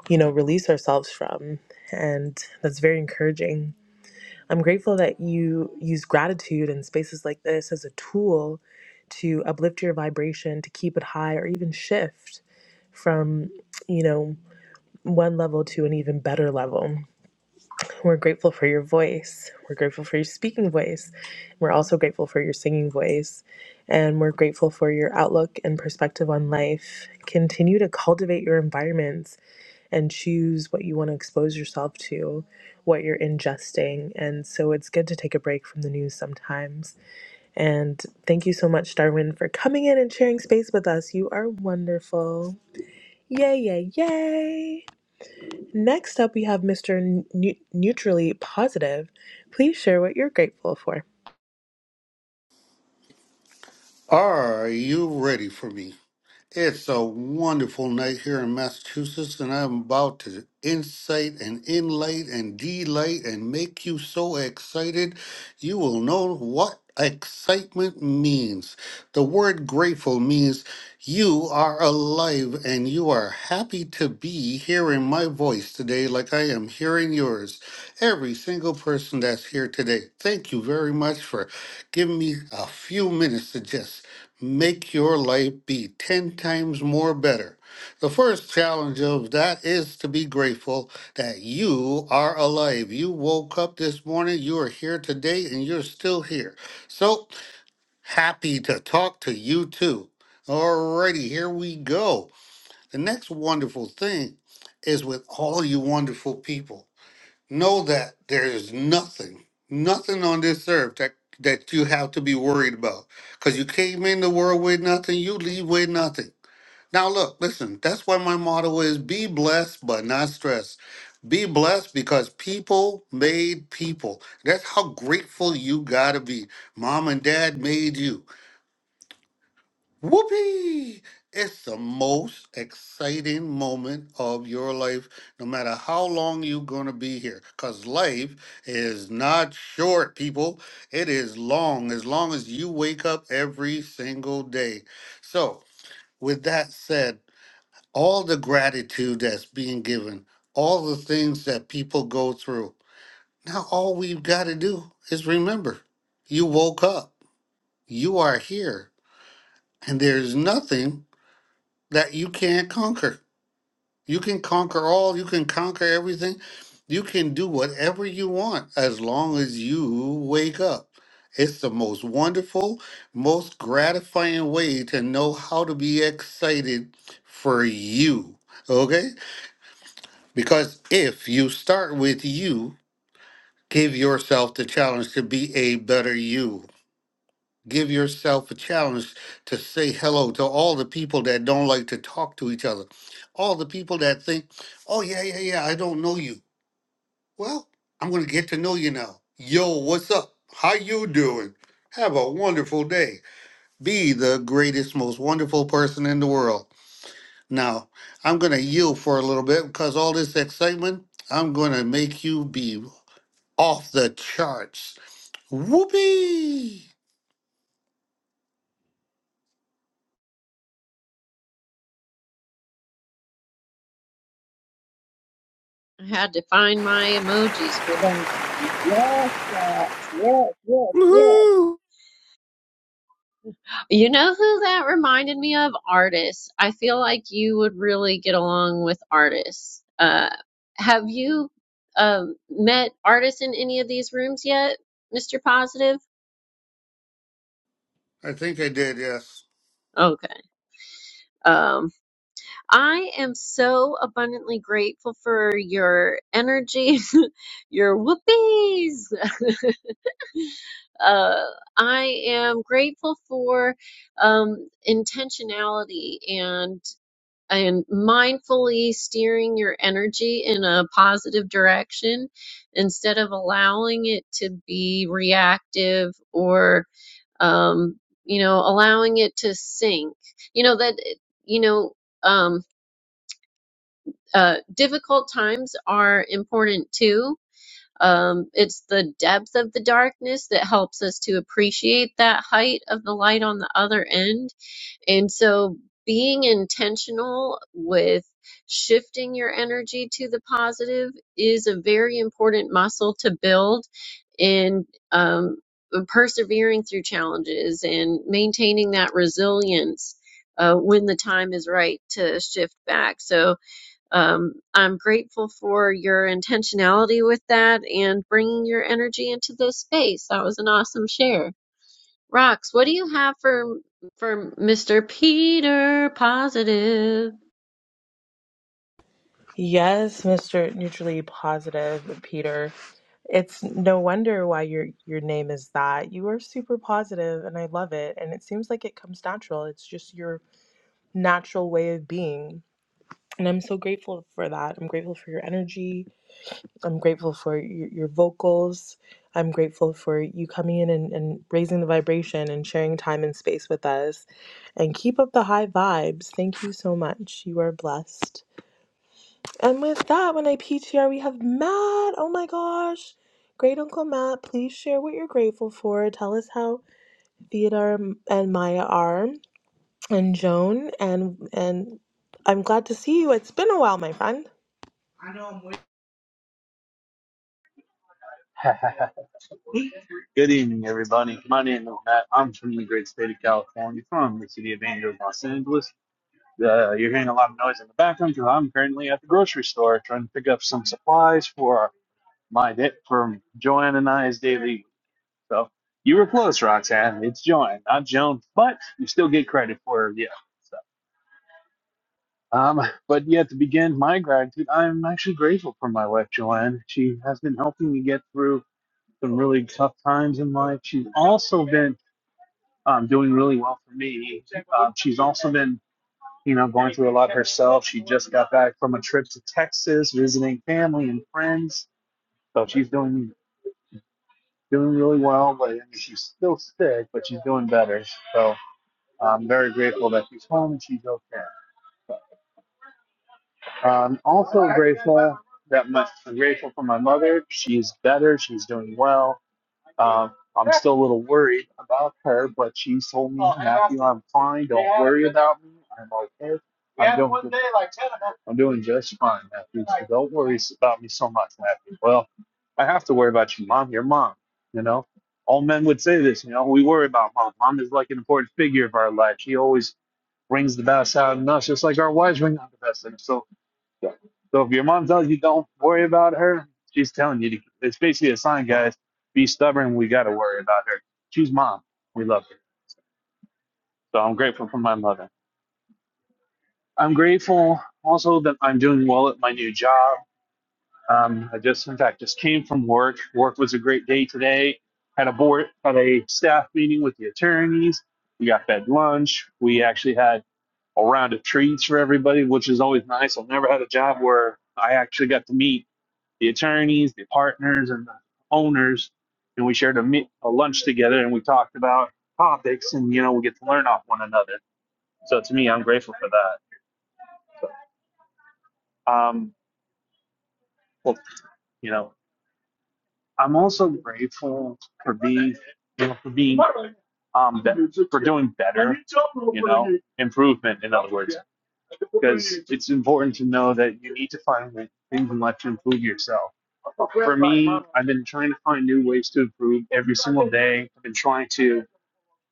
S2: you know, release ourselves from. And that's very encouraging. I'm grateful that you use gratitude in spaces like this as a tool to uplift your vibration, to keep it high, or even shift from, you know, one level to an even better level We're grateful for your voice. We're grateful for your speaking voice. We're also grateful for your singing voice. And we're grateful for your outlook and perspective on life. Continue to cultivate your environments and choose what you want to expose yourself to, what you're ingesting. And so it's good to take a break from the news sometimes. And thank you so much, Darwin, for coming in and sharing space with us. You are wonderful. Yay, yay, yay. Next up, we have Mr. Neu- Neutrally Positive. Please share what you're grateful for.
S7: Are you ready for me? It's a wonderful night here in Massachusetts, and I'm about to incite and inlight and delight and make you so excited you will know what excitement means. The word grateful means you are alive and you are happy to be hearing my voice today, like I am hearing yours. Every single person that's here today, thank you very much for giving me a few minutes to just make your life be 10 times more better. The first challenge of that is to be grateful that you are alive. You woke up this morning, you are here today, and you're still here. So happy to talk to you too. Alrighty, here we go. The next wonderful thing is with all you wonderful people. Know that there is nothing, nothing on this earth that that you have to be worried about. Because you came in the world with nothing, you leave with nothing. Now look, listen, that's why my motto is be blessed but not stressed. Be blessed because people made people. That's how grateful you gotta be. Mom and dad made you. Whoopee! It's the most exciting moment of your life, no matter how long you're going to be here. Because life is not short, people. It is long, as long as you wake up every single day. So, with that said, all the gratitude that's being given, all the things that people go through, now all we've got to do is remember you woke up, you are here, and there's nothing that you can't conquer. You can conquer all, you can conquer everything. You can do whatever you want as long as you wake up. It's the most wonderful, most gratifying way to know how to be excited for you. Okay? Because if you start with you, give yourself the challenge to be a better you. Give yourself a challenge to say hello to all the people that don't like to talk to each other. All the people that think, oh, yeah, yeah, yeah, I don't know you. Well, I'm going to get to know you now. Yo, what's up? How you doing? Have a wonderful day. Be the greatest, most wonderful person in the world. Now, I'm going to yield for a little bit because all this excitement, I'm going to make you be off the charts. Whoopee!
S1: I had to find my emojis for that. Yes, Rox. Yes, yes, yes.
S6: Woohoo!
S1: You know who that reminded me of? Artists. I feel like you would really get along with artists. Uh, have you um, met artists in any of these rooms yet, Mr. Positive?
S7: I think I did, yes.
S1: Okay. Um, I am so abundantly grateful for your energy, your whoopies. Uh, I am grateful for um, intentionality and and mindfully steering your energy in a positive direction instead of allowing it to be reactive or um, you know allowing it to sink you know that you know um, uh, difficult times are important too um, it's the depth of the darkness that helps us to appreciate that height of the light on the other end and so being intentional with shifting your energy to the positive is a very important muscle to build in um, uh, persevering through challenges and maintaining that resilience uh, when the time is right to shift back. So um, I'm grateful for your intentionality with that and bringing your energy into this space. That was an awesome share. Rox, what do you have for for Mr. Peter Positive?
S2: Yes, Mr. Neutrally Positive, Peter. It's no wonder why your your name is that. You are super positive and I love it. And it seems like it comes natural. It's just your natural way of being. And I'm so grateful for that. I'm grateful for your energy. I'm grateful for your, your vocals. I'm grateful for you coming in and, and raising the vibration and sharing time and space with us. And keep up the high vibes. Thank you so much. You are blessed. And with that, when I P T R, we have Matt. Oh my gosh. Great Uncle Matt, please share what you're grateful for. Tell us how Theodore and Maya are, and Joan, and and I'm glad to see you. It's been a while, my friend.
S8: Good evening, everybody. My name is Matt. I'm from the great state of California, from the city of Angels, Los Angeles. Uh, you're hearing a lot of noise in the background because I'm currently at the grocery store trying to pick up some supplies for my day for Joanne and I's daily. So you were close, Roxanne. It's Joanne, not Joan, but you still get credit for it. Yeah. So, um, but yeah, to begin my gratitude, I'm actually grateful for my wife, Joanne. She has been helping me get through some really tough times in life. She's also been um, doing really well for me. Um, she's also been, you know, going through a lot herself. She just got back from a trip to Texas, visiting family and friends. So she's doing doing really well. But I mean, she's still sick, but she's doing better. So I'm very grateful that she's home and she's okay. I'm also grateful that my, I'm grateful for my mother. She's better. She's doing well Um, I'm still a little worried about her, but she told me, Matthew, I'm fine. Don't worry about me. I'm okay. I'm doing good. I'm doing just fine, Matthew. So don't worry about me so much, Matthew. Well, I have to worry about you, Mom. Your mom, you know. All men would say this, you know. We worry about Mom. Mom is like an important figure of our life. She always brings the best out in us, just like our wives bring out the best in us. So so so if your mom tells you don't worry about her, she's telling you to, it's basically a sign, guys, be stubborn. We got to worry about her. She's mom. We love her. So I'm grateful for my mother. I'm grateful also that I'm doing well at my new job. Um, I just, in fact, just came from work. Work was a great day today. Had a board, had a staff meeting with the attorneys. We got fed lunch. We actually had a round of treats for everybody, which is always nice. I've never had a job where I actually got to meet the attorneys, the partners, and the owners, and we shared a, meet, a lunch together, and we talked about topics, and you know, we get to learn off one another. So to me, I'm grateful for that. Um, well, you know, I'm also grateful for being, you know, for being, um, be- for doing better, you know, improvement. In other words, because it's important to know that you need to find things in life to improve yourself. For me, I've been trying to find new ways to improve every single day. I've been trying to,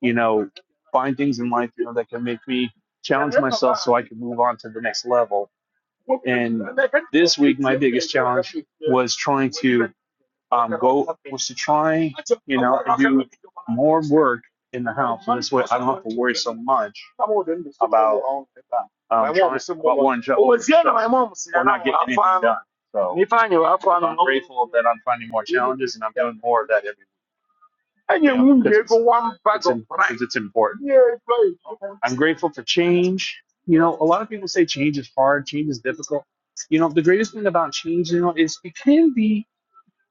S8: you know, find things in life, you know, that can make me challenge myself so I can move on to the next level. And this week, my biggest challenge was trying to um, go was to try, you know, and do more work in the house. And this way I don't have to worry so much about um, trying, about wanting to over stuff or not getting anything done. So I'm grateful that I'm finding more challenges and I'm doing more of that every week, you know, because it's, it's, in, because it's important. I'm grateful for change. You know, a lot of people say change is hard, change is difficult. You know, the greatest thing about change, you know, is it can be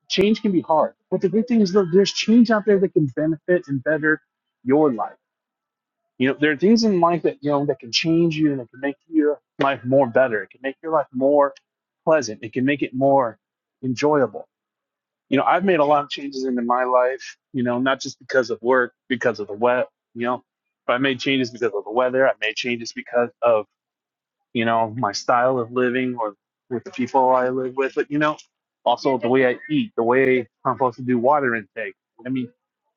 S8: change can be hard. But the good thing is that there's change out there that can benefit and better your life. You know, there are things in life that you know that can change you and it can make your life more better. It can make your life more pleasant. It can make it more enjoyable. You know, I've made a lot of changes into my life, you know, not just because of work, because of the wet, you know, but I made changes because of the weather. I made changes because of you know, my style of living or with the people I live with, but you know, also the way I eat, the way I'm supposed to do water intake. I mean,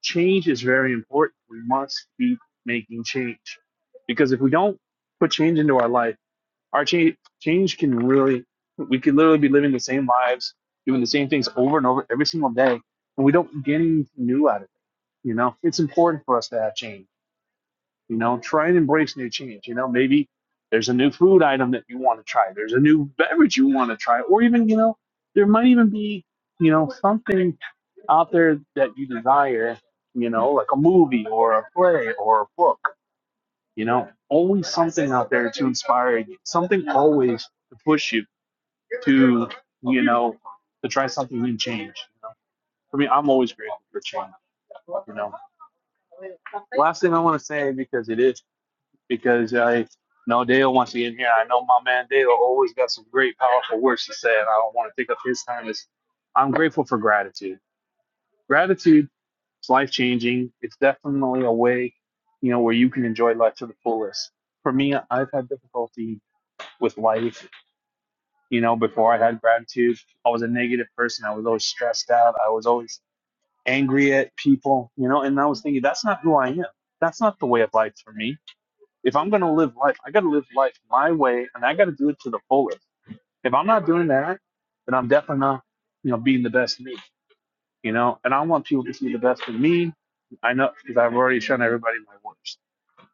S8: change is very important. We must keep making change because if we don't put change into our life, our change change can really we could literally be living the same lives, doing the same things over and over every single day, and we don't get anything new out of it. You know, it's important for us to have change you know, try and embrace new change. You know, maybe there's a new food item that you want to try. There's a new beverage you want to try, or even you know, there might even be you know something out there that you desire. You know, like a movie or a play or a book. You know, always something out there to inspire you. Something always to push you to you know to try something new, and change. You know? For me, I'm always grateful for change. You know, last thing I want to say because it is because I know Dale wants to get in here. I know my man Dale always got some great, powerful words to say, and I don't want to take up his time. Is I'm grateful for gratitude. Gratitude is life changing. It's definitely a way, you know, where you can enjoy life to the fullest. For me, I've had difficulty with life. You know, before I had gratitude, I was a negative person. I was always stressed out. I was always angry at people. You know, and I was thinking that's not who I am. That's not the way of life for me if I'm gonna live life, I gotta live life my way, and I gotta do it to the fullest. If I'm not doing that, then I'm definitely not, you know, being the best me. You know, and I want people to see the best in me. I know because I've already shown everybody my worst,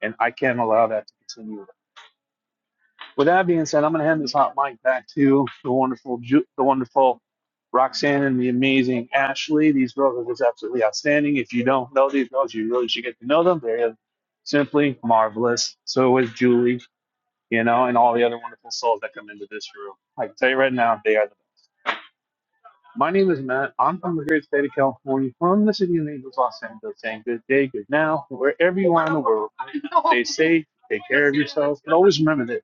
S8: and I can't allow that to continue. With that being said, I'm gonna hand this hot mic back to the wonderful, Ju- the wonderful Roxanne and the amazing Ashley. These girls are just absolutely outstanding. If you don't know these girls, you really should get to know them. They're simply marvelous. So is Julie you know, and all the other wonderful souls that come into this room. I can tell you right now, they are the best. My name is Matt. I'm from the great state of California, from the city of Naples, Los Angeles, saying good day, good now, wherever you are in the world. Stay safe, take care of yourselves, but always remember this.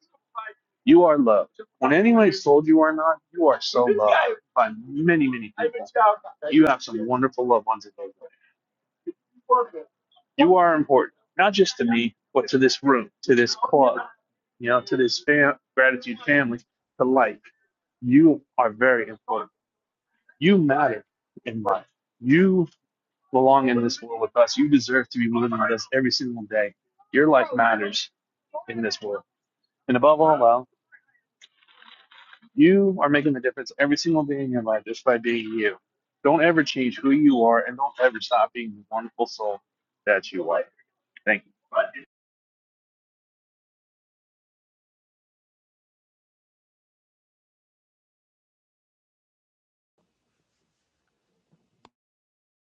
S8: You are loved. When anyone's told you are not, you are so loved by many, many people. You have some wonderful loved ones in life. You are important, not just to me, but to this room, to this club, you know, to this fam- gratitude family, to life. You are very important. You matter in life. You belong in this world with us. You deserve to be living with us every single day. Your life matters in this world. And above all else, you are making the difference every single day in your life just by being you. Don't ever change who you are and don't ever stop being the wonderful soul that you are. Thank you.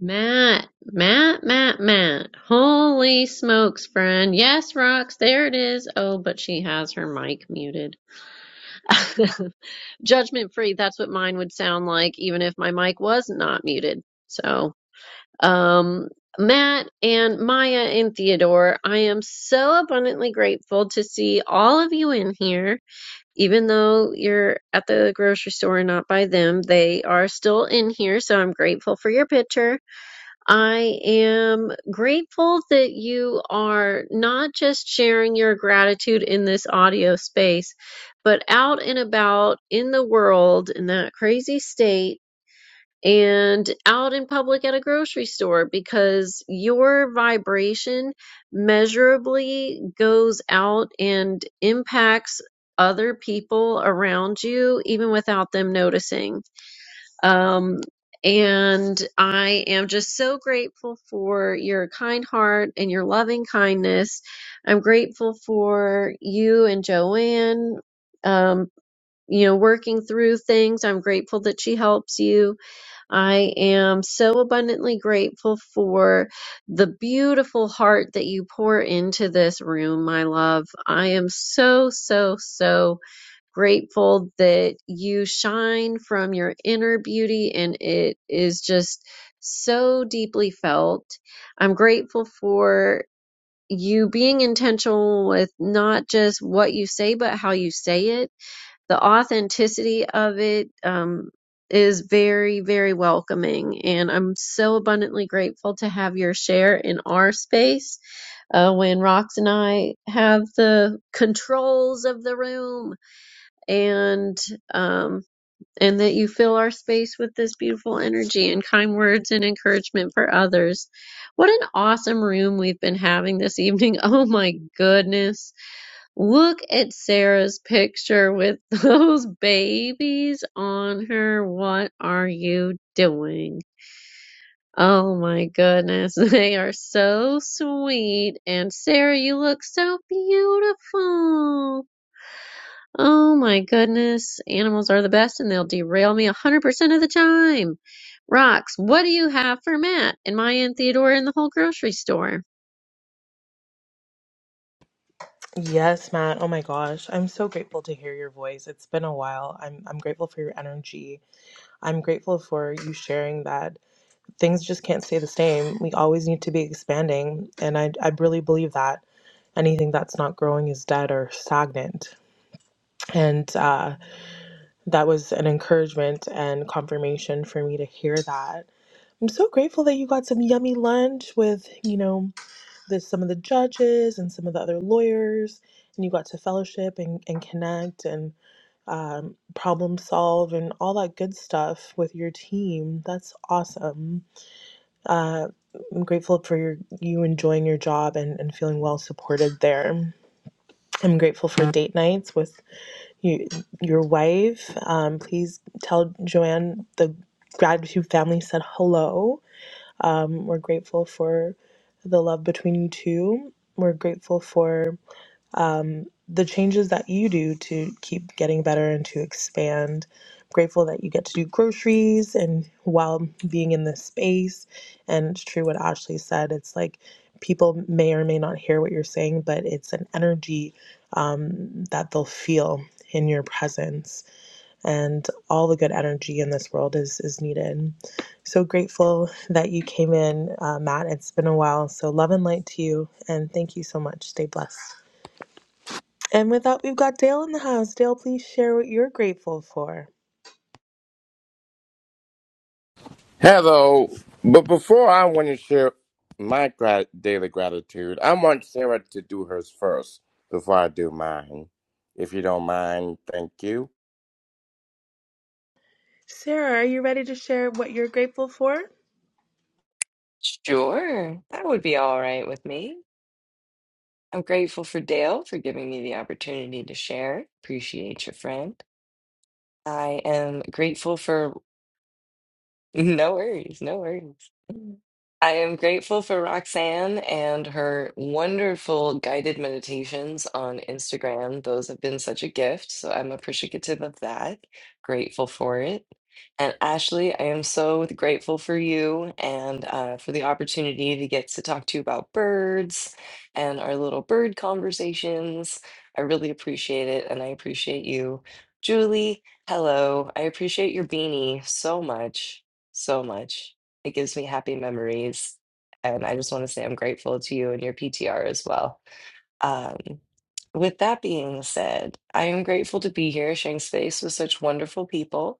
S1: Matt, Matt, Matt, Matt. Holy smokes, friend. Yes, Rox, there it is. Oh, but she has her mic muted. Judgment free, that's what mine would sound like, even if my mic was not muted. So, um, Matt and Maya and Theodore, I am so abundantly grateful to see all of you in here. even though you're at the grocery store and not by them, they are still in here. So I'm grateful for your picture. I am grateful that you are not just sharing your gratitude in this audio space, but out and about in the world in that crazy state and out in public at a grocery store because your vibration measurably goes out and impacts other people around you even without them noticing. Um, and I am just so grateful for your kind heart and your loving kindness. I'm grateful for you and Joanne, um, you know, working through things. I'm grateful that she helps you I am so abundantly grateful for the beautiful heart that you pour into this room, my love. I am so, so, so grateful that you shine from your inner beauty and it is just so deeply felt. I'm grateful for you being intentional with not just what you say, but how you say it the authenticity of it um, is very, very welcoming. And I'm so abundantly grateful to have your share in our space uh, when Rox and I have the controls of the room and. Um, and that you fill our space with this beautiful energy and kind words and encouragement for others. What an awesome room we've been having this evening. Oh my goodness Look at Sarah's picture with those babies on her. What are you doing? Oh my goodness, they are so sweet. And Sarah, you look so beautiful. Oh my goodness, animals are the best and they'll derail me 100% of the time. Rox, what do you have for Matt and Maya and Theodore in the whole grocery store?
S2: Yes, Matt. Oh my gosh. I'm so grateful to hear your voice. It's been a while. I'm I'm grateful for your energy. I'm grateful for you sharing that things just can't stay the same. We always need to be expanding, and I I really believe that anything that's not growing is dead or stagnant. And uh, that was an encouragement and confirmation for me to hear that. I'm so grateful that you got some yummy lunch with, you know, the some of the judges and some of the other lawyers, and you got to fellowship and, and connect and um, problem solve and all that good stuff with your team. That's awesome. Uh, I'm grateful for your, you enjoying your job and, and feeling well supported there. I'm grateful for date nights with you, your wife. Um, please tell Joanne the gratitude family said hello. Um, we're grateful for the love between you two. We're grateful for um, the changes that you do to keep getting better and to expand. Grateful that you get to do groceries and while being in this space. And it's true what Ashley said. It's like people may or may not hear what you're saying, but it's an energy um, that they'll feel in your presence and all the good energy in this world is is needed. So grateful that you came in, uh, Matt. It's been a while. So love and light to you, and thank you so much. Stay blessed. And with that, we've got Dale in the house. Dale, please share what you're grateful for.
S6: Hello. But before I want to share my grat- daily gratitude, I want Sarah to do hers first before I do mine. If you don't mind, thank you.
S2: Sarah, are you ready to share what you're grateful for?
S9: Sure, that would be all right with me. I'm grateful for Dale for giving me the opportunity to share. Appreciate your friend. I am grateful for No worries, no worries. I am grateful for Roxanne and her wonderful guided meditations on Instagram. Those have been such a gift, so I'm appreciative of that. Grateful for it. And Ashley, I am so grateful for you and uh, for the opportunity to get to talk to you about birds and our little bird conversations. I really appreciate it, and I appreciate you. Julie, hello. I appreciate your beanie so much so much. It gives me happy memories. And I just want to say I'm grateful to you and your PTR as well. Um, with that being said, I am grateful to be here sharing space with such wonderful people.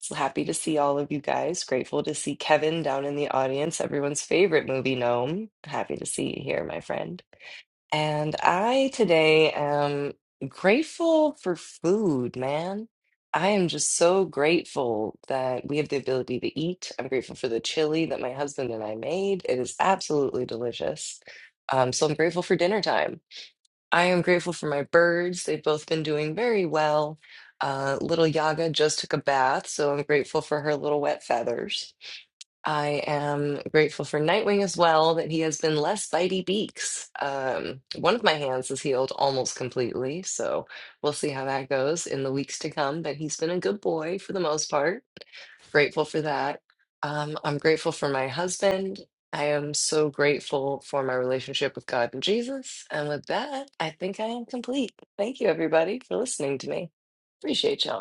S9: So happy to see all of you guys. Grateful to see Kevin down in the audience, everyone's favorite movie gnome. Happy to see you here, my friend. And I today am grateful for food, man. I am just so grateful that we have the ability to eat. I'm grateful for the chili that my husband and I made. It is absolutely delicious. Um, so I'm grateful for dinner time. I am grateful for my birds. They've both been doing very well. Uh, little Yaga just took a bath, so I'm grateful for her little wet feathers. I am grateful for Nightwing as well, that he has been less bitey beaks. Um, one of my hands is healed almost completely, so we'll see how that goes in the weeks to come. But he's been a good boy for the most part. Grateful for that. Um, I'm grateful for my husband. I am so grateful for my relationship with God and Jesus. And with that, I think I am complete. Thank you, everybody, for listening to me. Appreciate y'all.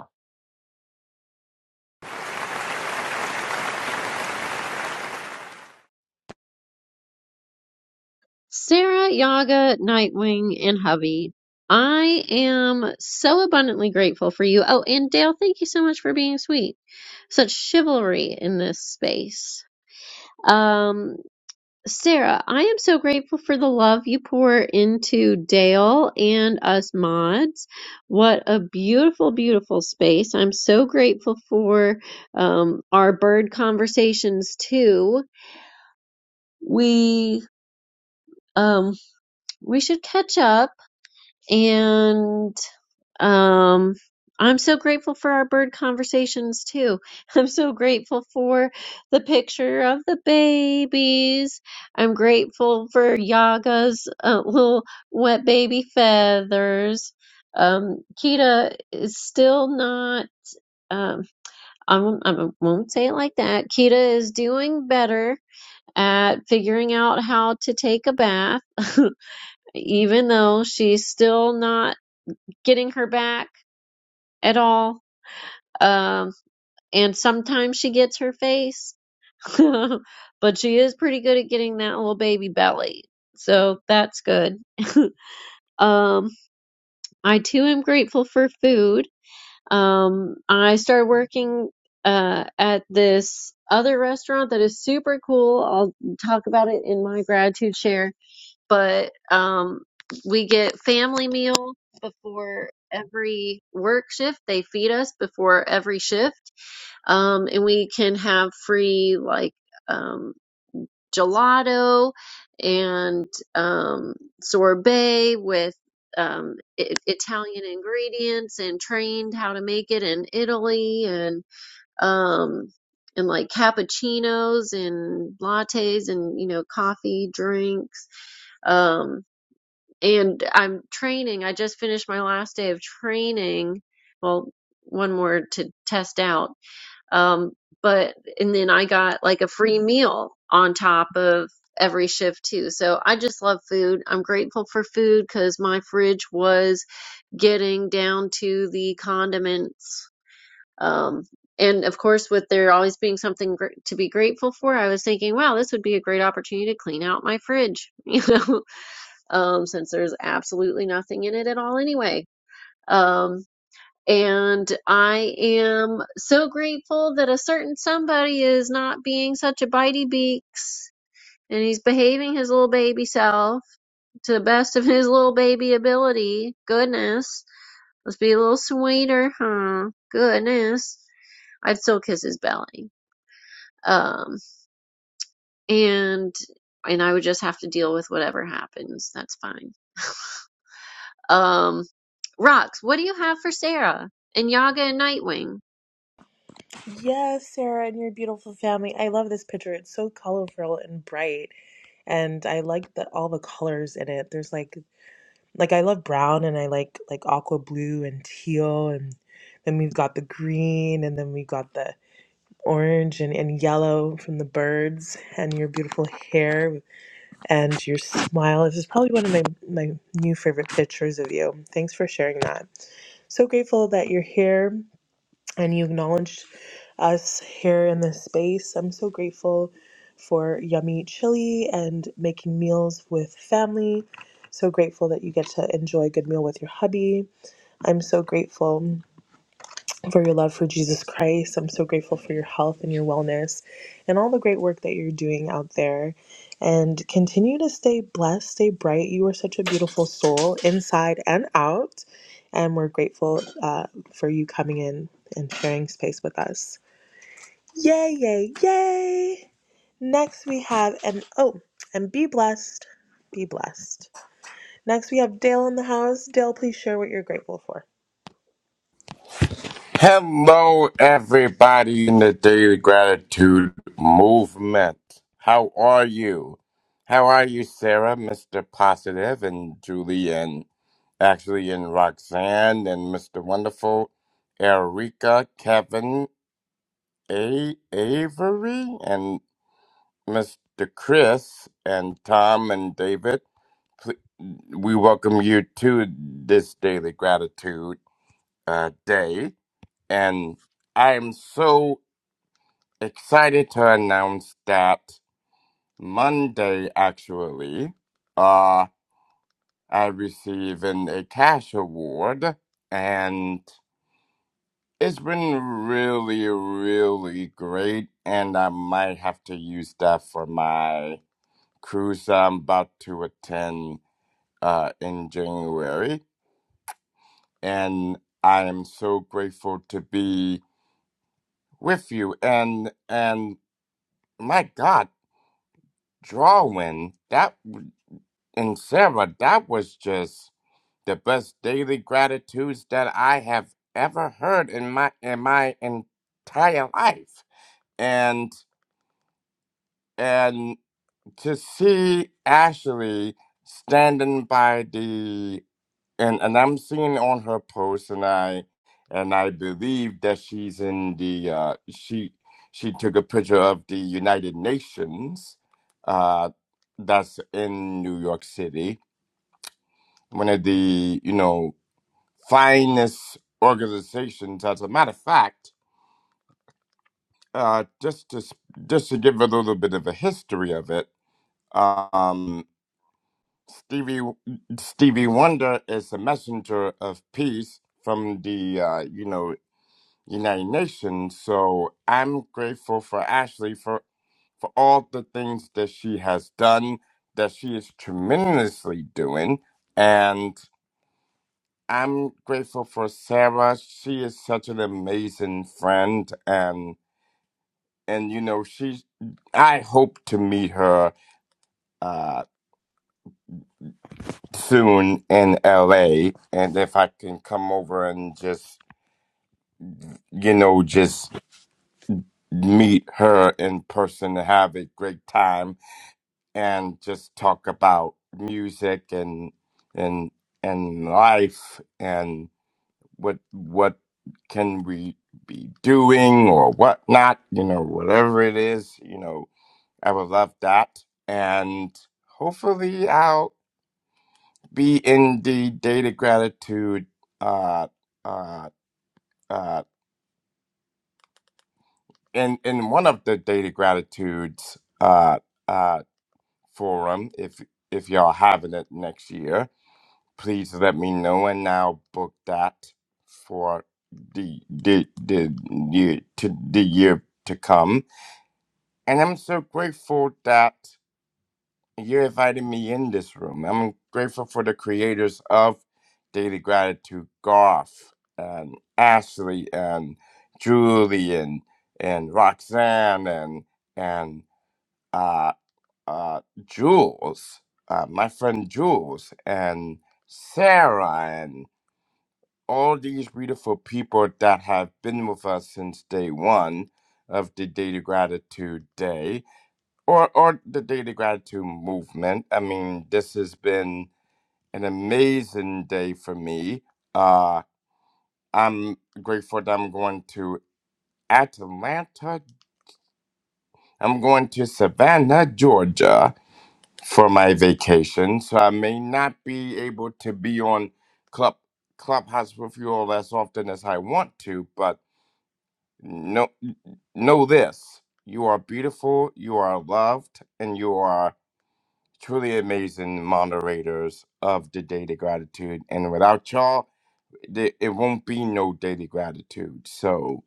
S1: Sarah, Yaga, Nightwing, and Hubby, I am so abundantly grateful for you. Oh, and Dale, thank you so much for being sweet. Such chivalry in this space. Um, Sarah, I am so grateful for the love you pour into Dale and us mods. What a beautiful, beautiful space. I'm so grateful for um, our bird conversations too. We um, we should catch up And um, I'm so grateful for our bird conversations too. I'm so grateful for the picture of the babies. I'm grateful for Yaga's uh, little wet baby feathers. Um, Kita is still not. Um, I won't, I won't say it like that. Kita is doing better at figuring out how to take a bath, even though she's still not getting her back at all. Um, and sometimes she gets her face, but she is pretty good at getting that little baby belly. So that's good. um, I too am grateful for food. Um, I started working uh, at this other restaurant that is super cool. I'll talk about it in my gratitude share but um, we get family meal before every work shift. They feed us before every shift, um, and we can have free like um, gelato and um, sorbet with. Um, I- Italian ingredients and trained how to make it in Italy and um, and like cappuccinos and lattes and you know coffee drinks Um, and I'm training. I just finished my last day of training. Well, one more to test out. Um, but and then I got like a free meal on top of every shift too. So I just love food. I'm grateful for food because my fridge was getting down to the condiments. Um, and of course, with there always being something gr- to be grateful for, I was thinking, wow, this would be a great opportunity to clean out my fridge. You know, um, since there's absolutely nothing in it at all anyway. Um, and I am so grateful that a certain somebody is not being such a bitey beaks and he's behaving his little baby self to the best of his little baby ability. Goodness. Let's be a little sweeter, huh? Goodness. I'd still kiss his belly. Um, and and I would just have to deal with whatever happens. That's fine. Um, Rocks, what do you have for Sarah? And Yaga and Nightwing.
S2: Yes, Sarah, and your beautiful family. I love this picture. It's so colorful and bright. And I like the all the colors in it. There's like Like I love brown and I like like aqua blue and teal and then we've got the green and then we've got the orange and, and yellow from the birds and your beautiful hair and your smile. This is probably one of my, my new favorite pictures of you. Thanks for sharing that. So grateful that you're here and you acknowledged us here in this space. I'm so grateful for yummy chili and making meals with family. So grateful that you get to enjoy a good meal with your hubby. I'm so grateful for your love for Jesus Christ. I'm so grateful for your health and your wellness and all the great work that you're doing out there. And continue to stay blessed, stay bright. You are such a beautiful soul inside and out. And we're grateful uh, for you coming in and sharing space with us. Yay, yay, yay. Next we have, and oh, and be blessed. Be blessed. Next we have Dale in the house. Dale, please share what you're grateful for.
S6: Hello, everybody in the Daily Gratitude Movement. How are you? How are you, Sarah, Mr. Positive, and Julie, and actually, and Roxanne, and Mr. Wonderful, Erica, Kevin, A. Avery, and Mr. Chris, and Tom, and David. Pl- We welcome you to this Daily Gratitude uh, Day, and I am so excited to announce that Monday, actually, uh, I received an, a cash award, and it's been really, really great. And I might have to use that for my cruise I'm about to attend uh, in January. And I am so grateful to be with you. And and my God, drawing that. And Sarah, that was just the best daily gratitudes that I have ever heard in my in my entire life. And and to see Ashley standing by the and and I'm seeing on her post and I and I believe that she's in the uh she she took a picture of the United Nations uh that's in New York City one of the you know finest organizations. As a matter of fact, uh, just to s- just to give a little bit of a history of it, um, Stevie Stevie Wonder is a messenger of peace from the uh, you know United Nations. So I'm grateful for Ashley for for all the things that she has done, that she is tremendously doing. I'm grateful for Sarah. She is such an amazing friend, and and you know she. I hope to meet her uh, soon in L.A. And if I can come over and just you know just meet her in person and have a great time and just talk about music and and and life what what can we be doing or whatnot, you know, whatever it is, you know, I would love that. And hopefully I'll be in the data gratitude uh uh uh in in one of the data gratitudes uh uh forum if if y'all having it next year. please let me know and I'll book that for the the the year to the year to come. And I'm so grateful that you invited me in this room. I'm grateful for the creators of Daily Gratitude, Garth and Ashley and Julie and and Roxanne and and uh uh Jules, uh, my friend Jules and Sarah and. all these beautiful people that have been with us since day one of the Daily Gratitude Day or, or the Daily Gratitude Movement. I mean, this has been an amazing day for me. Uh, I'm grateful that I'm going to Atlanta. I'm going to Savannah, Georgia for my vacation. So I may not be able to be on Club Clubhouse with you all as often as I want to, but Know, know this you are beautiful, you are loved, and you are truly amazing moderators of the Daily Gratitude. And without y'all, the- it won't be no Daily Gratitude. So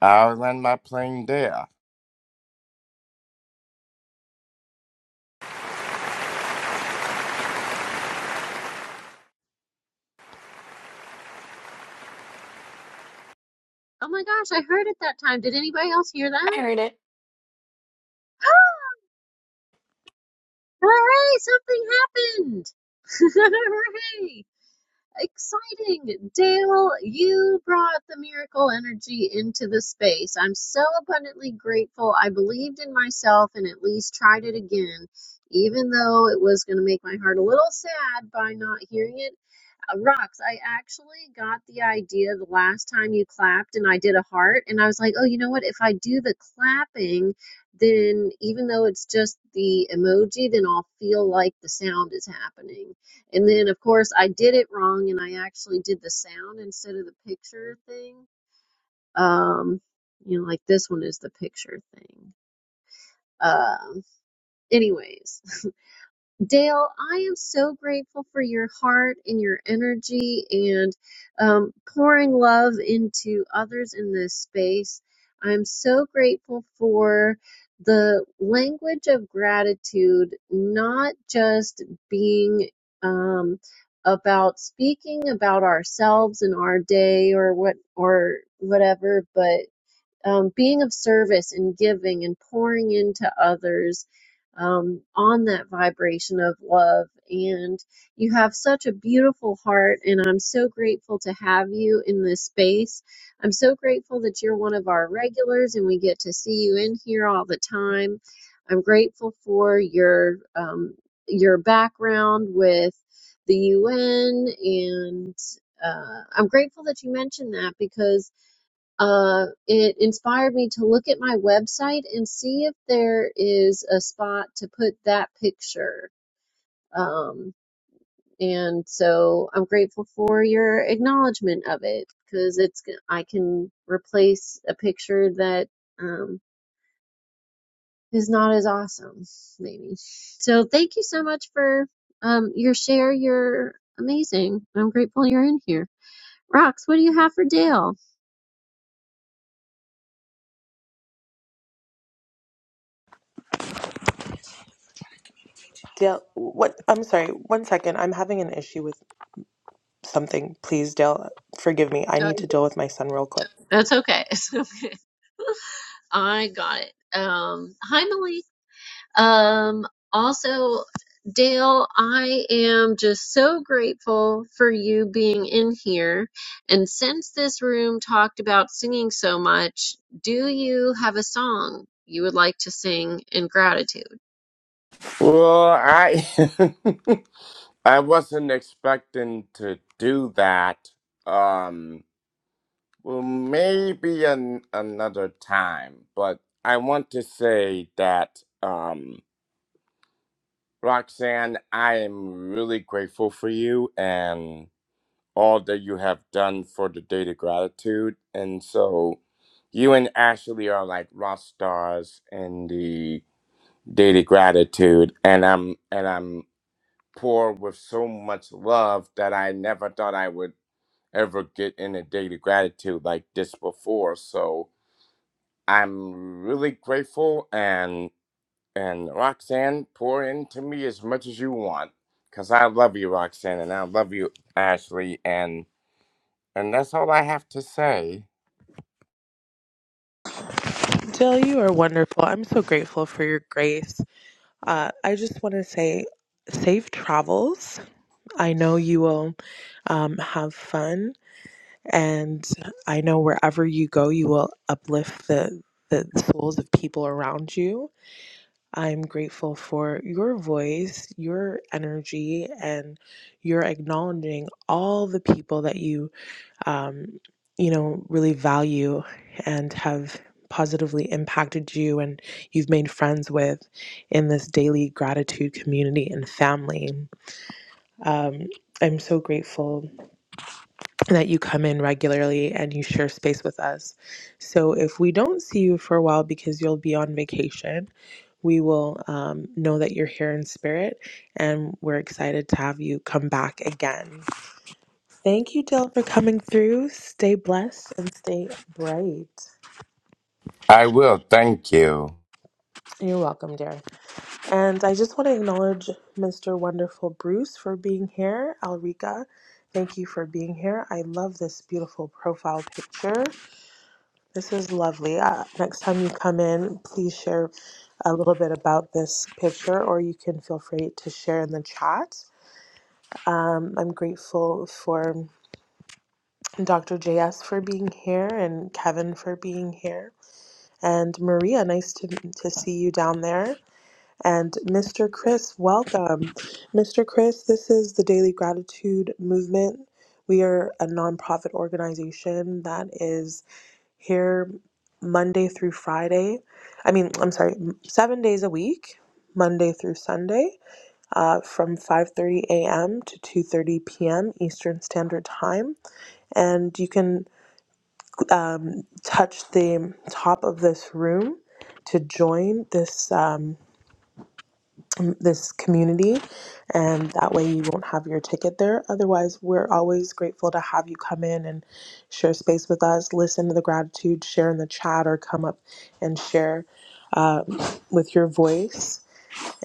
S6: I'll land my plane there.
S1: Oh my gosh, I heard it that time. Did anybody else hear that? Hooray, something happened! Hooray! Exciting! Dale, you brought the miracle energy into the space. I'm so abundantly grateful. I believed in myself and at least tried it again, even though it was going to make my heart a little sad by not hearing it Uh, Rocks, I actually got the idea the last time you clapped and I did a heart, and I was like, oh, you know what? If I do the clapping, then even though it's just the emoji, then I'll feel like the sound is happening. And then, of course, I did it wrong and I actually did the sound instead of the picture thing. Um, you know, like this one is the picture thing. Um, anyways. Dale, I am so grateful for your heart and your energy and um, pouring love into others in this space. I'm so grateful for the language of gratitude, not just being um, about speaking about ourselves and our day or what or whatever, but um, being of service and giving and pouring into others um, on that vibration of love. And you have such a beautiful heart, and I'm so grateful to have you in this space. I'm so grateful that you're one of our regulars and we get to see you in here all the time. I'm grateful for your um, your background with the UN, and uh, I'm grateful that you mentioned that because uh, it inspired me to look at my website and see if there is a spot to put that picture. Um, and so I'm grateful for your acknowledgement of it because it's I can replace a picture that um, is not as awesome, maybe. So thank you so much for um, your share. You're amazing. I'm grateful you're in here. Rox, what do you have for Dale?
S2: Dale, what? I'm sorry. One second. I'm having an issue with something. Please, Dale, forgive me. I
S1: Uh,
S2: need to deal with my son real quick.
S1: That's okay. It's okay. I got it. Um, hi, Malik. Um, also, Dale, I am just so grateful for you being in here. And since this room talked about singing so much, do you have a song you would like to sing in gratitude?
S6: Well, I. I wasn't expecting to do that. Um, well, maybe an, another time, but I want to say that. Um, Roxanne, I am really grateful for you and all that you have done for the Date of Gratitude. And so you and Ashley are like rock stars in the Date of Gratitude. And I'm and I'm poor with so much love that I never thought I would ever get in a Date of Gratitude like this before. So I'm really grateful and. And Roxanne, pour into me as much as you want, 'cause I love you, Roxanne, and I love you, Ashley, and and that's all I have to say.
S2: Dale, you are wonderful. I'm so grateful for your grace. Uh, I just want to say safe travels. I know you will um, have fun, and I know wherever you go, you will uplift the, the, the souls of people around you. I'm grateful for your voice, your energy, and your acknowledging all the people that you um, you know, really value and have positively impacted you and you've made friends with in this daily gratitude community and family. Um, I'm so grateful that you come in regularly and you share space with us. So, if we don't see you for a while because you'll be on vacation, we will um, know that you're here in spirit and we're excited to have you come back again. Thank you, Del, for coming through. Stay blessed and stay bright.
S6: I will. Thank you.
S2: You're welcome, dear. And I just want to acknowledge Mr. Wonderful Bruce for being here. Alrika, thank you for being here. I love this beautiful profile picture. This is lovely. Uh, next time you come in, please share a little bit about this picture, or you can feel free to share in the chat. Um, I'm grateful for Dr. JS for being here and Kevin for being here. And Maria, nice to, to see you down there. And Mr. Chris, welcome. Mr. Chris, this is the Daily Gratitude Movement. We are a nonprofit organization that is here Monday through Friday. I mean, I'm sorry, m- seven days a week, Monday through Sunday, uh, from 5:30 a.m. to 2:30 p.m. Eastern Standard Time. And you can um, touch the top of this room to join this um, this community, and that way you won't have your ticket there. Otherwise, we're always grateful to have you come in and share space with us, listen to the gratitude, share in the chat, or come up and share um, with your voice.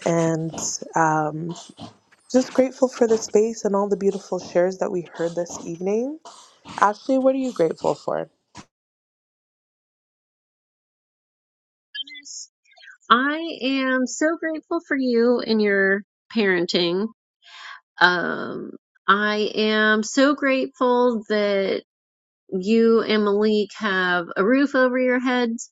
S2: And um, just grateful for the space and all the beautiful shares that we heard this evening. Ashley, what are you grateful for?
S1: Yes. I am so grateful for you and your parenting. Um, I am so grateful that you and Malik have a roof over your heads,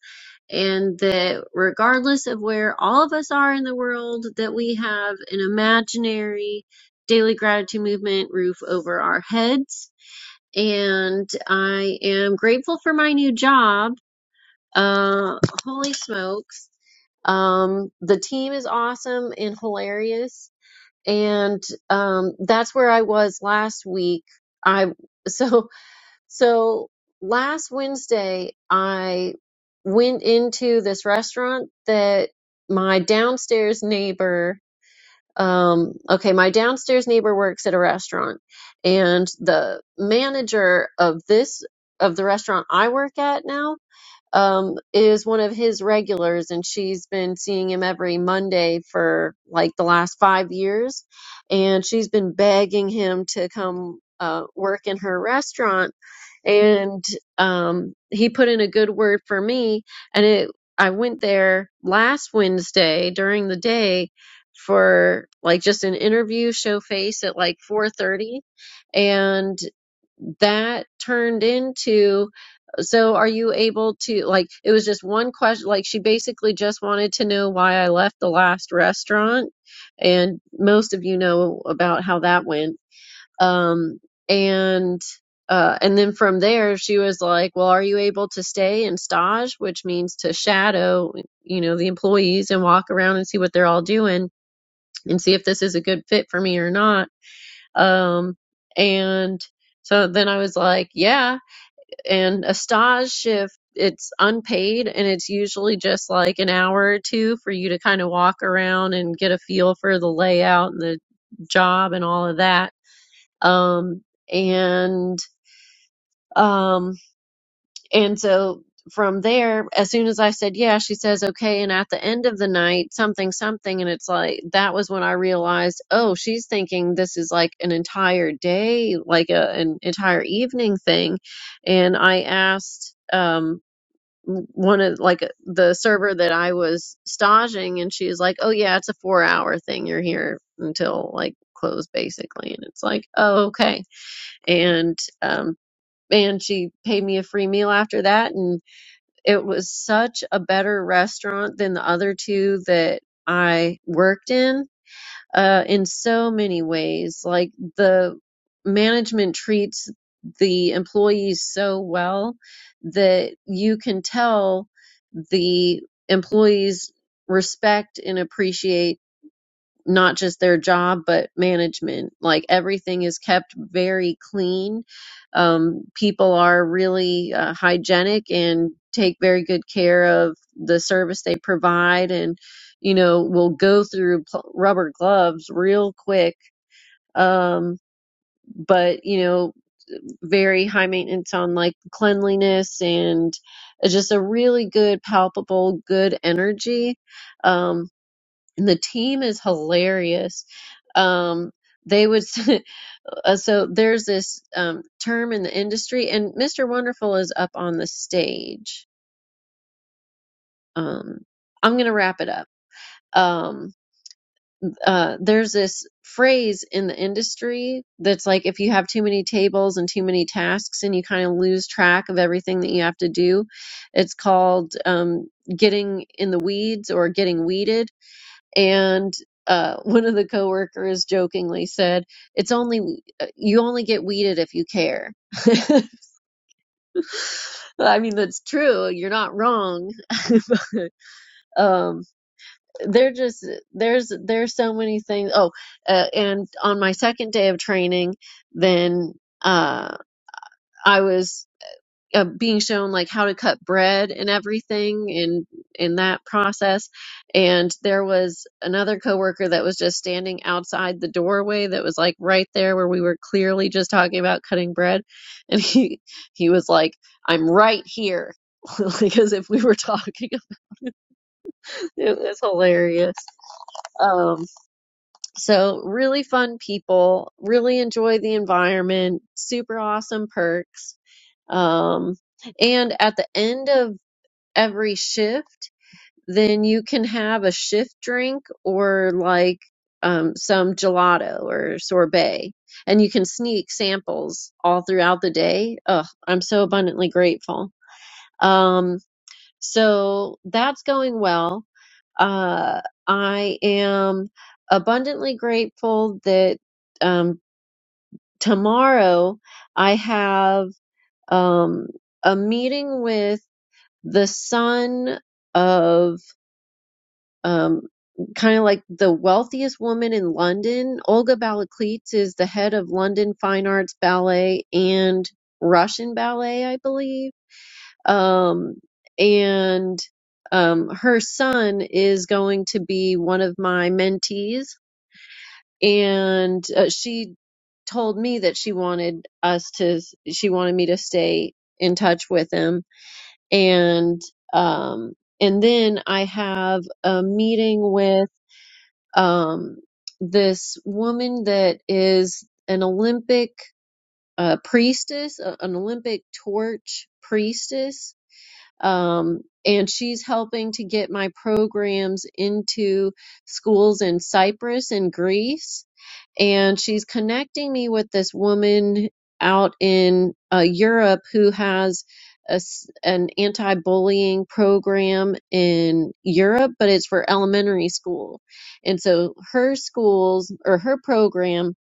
S1: and that regardless of where all of us are in the world, that we have an imaginary daily gratitude movement roof over our heads. And I am grateful for my new job. Uh, holy smokes. Um, the team is awesome and hilarious. And um, that's where I was last week. I so so last Wednesday, I went into this restaurant that my downstairs neighbor, um, okay, my downstairs neighbor works at a restaurant, and the manager of this of the restaurant I work at now um, is one of his regulars, and she's been seeing him every Monday for like the last five years. And she's been begging him to come uh, work in her restaurant. And um, he put in a good word for me. And it, I went there last Wednesday during the day for like just an interview show face at like 4:30 and that turned into so are you able to like it was just one question like she basically just wanted to know why I left the last restaurant and most of you know about how that went. Um and uh and then from there she was like, "Well, are you able to stay and stage, which means to shadow, you know, the employees and walk around and see what they're all doing and see if this is a good fit for me or not." Um and so then I was like, "Yeah, and a stage shift, it's unpaid and it's usually just like an hour or two for you to kind of walk around and get a feel for the layout and the job and all of that. Um, and, um, and so from there, as soon as I said, yeah, she says, okay. And at the end of the night, something, something. And it's like, that was when I realized, oh, she's thinking this is like an entire day, like a, an entire evening thing. And I asked, um one of like the server that I was staging and she was like, "Oh yeah, it's a 4 hour thing. You're here until like close basically." And it's like, "Oh, okay." And um and she paid me a free meal after that and it was such a better restaurant than the other two that I worked in uh, in so many ways. Like the management treats the employees so well that you can tell the employees respect and appreciate not just their job but management like everything is kept very clean um, people are really uh, hygienic and take very good care of the service they provide and you know will go through pl- rubber gloves real quick um, but you know very high maintenance on like cleanliness and uh, just a really good palpable good energy Um, and the team is hilarious. Um, they would uh, so there's this um, term in the industry, and Mr. Wonderful is up on the stage. Um, I'm gonna wrap it up. Um, uh, there's this phrase in the industry that's like if you have too many tables and too many tasks, and you kind of lose track of everything that you have to do, it's called um, getting in the weeds or getting weeded and uh, one of the coworkers jokingly said, "It's only uh, you only get weeded if you care." I mean, that's true. You're not wrong. But, um, they're just there's there's so many things. Oh, uh, and on my second day of training, then uh, I was. uh, being shown like how to cut bread and everything in in that process and there was another coworker that was just standing outside the doorway that was like right there where we were clearly just talking about cutting bread and he he was like i'm right here like as if we were talking it was hilarious um so really fun people really enjoy the environment super awesome perks um and at the end of every shift, then you can have a shift drink or like um, some gelato or sorbet. And you can sneak samples all throughout the day. Ugh, I'm so abundantly grateful. Um, so that's going well. Uh, I am abundantly grateful that um, tomorrow I have um, a meeting with the son of Um, kind of like the wealthiest woman in London. Olga Balakleets is the head of London Fine Arts Ballet and Russian Ballet, I believe. Um, and um, her son is going to be one of my mentees, and uh, she told me that she wanted us to, she wanted me to stay in touch with him, and um, and then I have a meeting with um, this woman that is an Olympic uh, priestess, a- an Olympic torch priestess. Um, and she's helping to get my programs into schools in Cyprus and Greece and she's connecting me with this woman out in uh, Europe who has a s an anti-bullying program in Europe, but it's for elementary school. And so her schools or her program,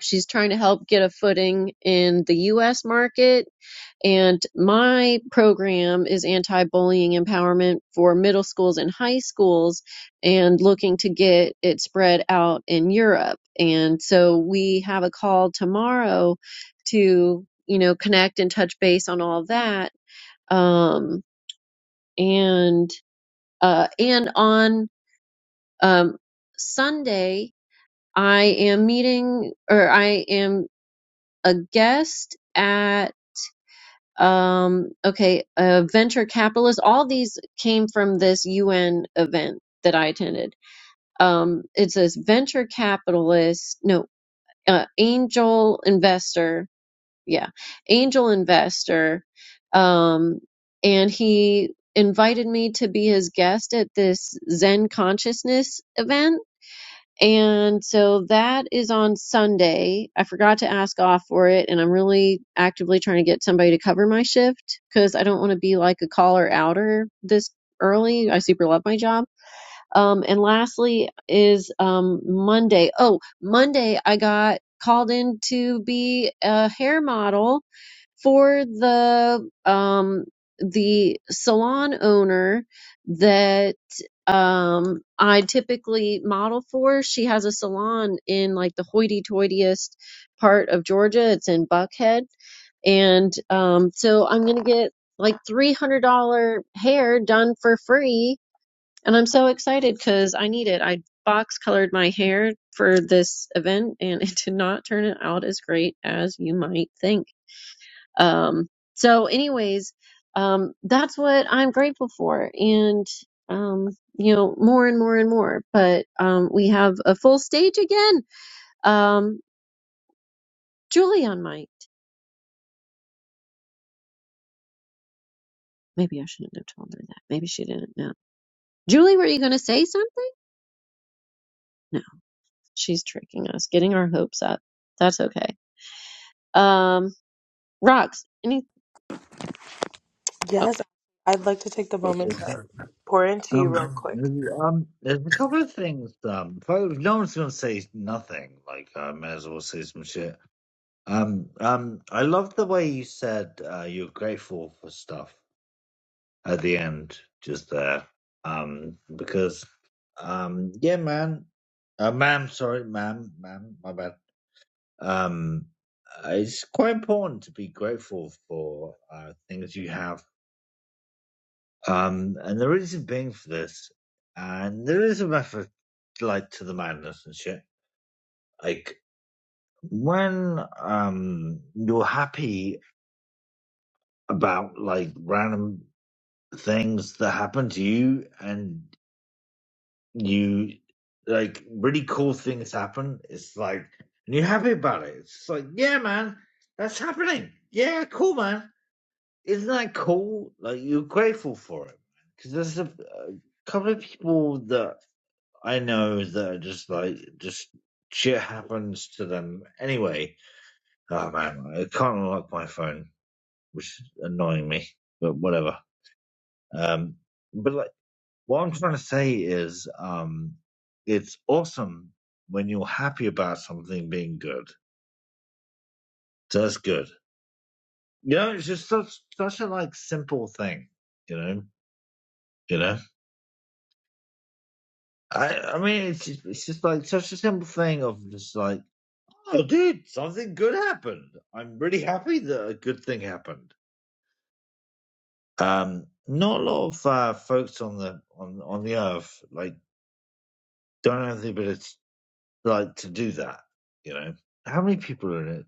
S1: she's trying to help get a footing in the U.S. market and my program is anti bullying empowerment for middle schools and high schools, and looking to get it spread out in Europe. And so we have a call tomorrow to, you know, connect and touch base on all that. Um, and, uh, and on, um, Sunday, I am meeting or I am a guest at. um, okay, uh, venture capitalists. All these came from this UN event that I attended. Um, it says venture capitalist, no, uh, angel investor. Yeah, angel investor. Um, and he invited me to be his guest at this Zen consciousness event and so that is on Sunday. I forgot to ask off for it, and I'm really actively trying to get somebody to cover my shift because I don't want to be like a caller outer this early. I super love my job. Um, and lastly is um, Monday. Oh, Monday I got called in to be a hair model for the um, the salon owner that um I typically model for. She has a salon in like the hoity-toityest part of Georgia. It's in Buckhead, and um so I'm gonna get like $300 hair done for free, and I'm so excited because I need it. I box colored my hair for this event, and it did not turn out as great as you might think um, so, anyways, um, that's what I'm grateful for. And, um, you know, more and more and more. But um, we have a full stage again. Um, Julie on mic. Maybe I shouldn't have told her that. Maybe she didn't know. Julie, were you going to say something? No, she's tricking us, getting our hopes up. That's okay. Um, Rocks, Any.
S2: Yes, I'd like to take the moment
S10: Okay.
S2: to pour into you real
S10: Um,
S2: quick.
S10: there's- um, there's a couple of things. Um, if I, if no one's gonna say nothing, like I may as well say some shit. Um, um, I love the way you said uh, you're grateful for stuff at the end, just there. Um, because, um, yeah, man, uh, ma'am, sorry, ma'am, ma'am, my bad. Um, uh, it's quite important to be grateful for uh, things you have Um, and there is a being for this, and there is a method, like to the madness and shit. Like when um you're happy about like random things that happen to you, and you like really cool things happen. It's like and you're happy about it. It's just like yeah, man, that's happening. Yeah, cool, man. Isn't that cool? Like you're grateful for it because there's a, a couple of people that I know that just like just shit happens to them anyway. Oh man, I can't unlock my phone, which is annoying me. But whatever. Um, but like what I'm trying to say is, um, it's awesome when you're happy about something being good. So that's good. You know, it's just such such a like simple thing. You know, you know. I I mean, it's just, it's just like such a simple thing of just like Oh, dude, something good happened. I'm really happy that a good thing happened. Um, not a lot of uh, folks on the on on the earth like don't have the ability like to do that. You know, how many people are in it?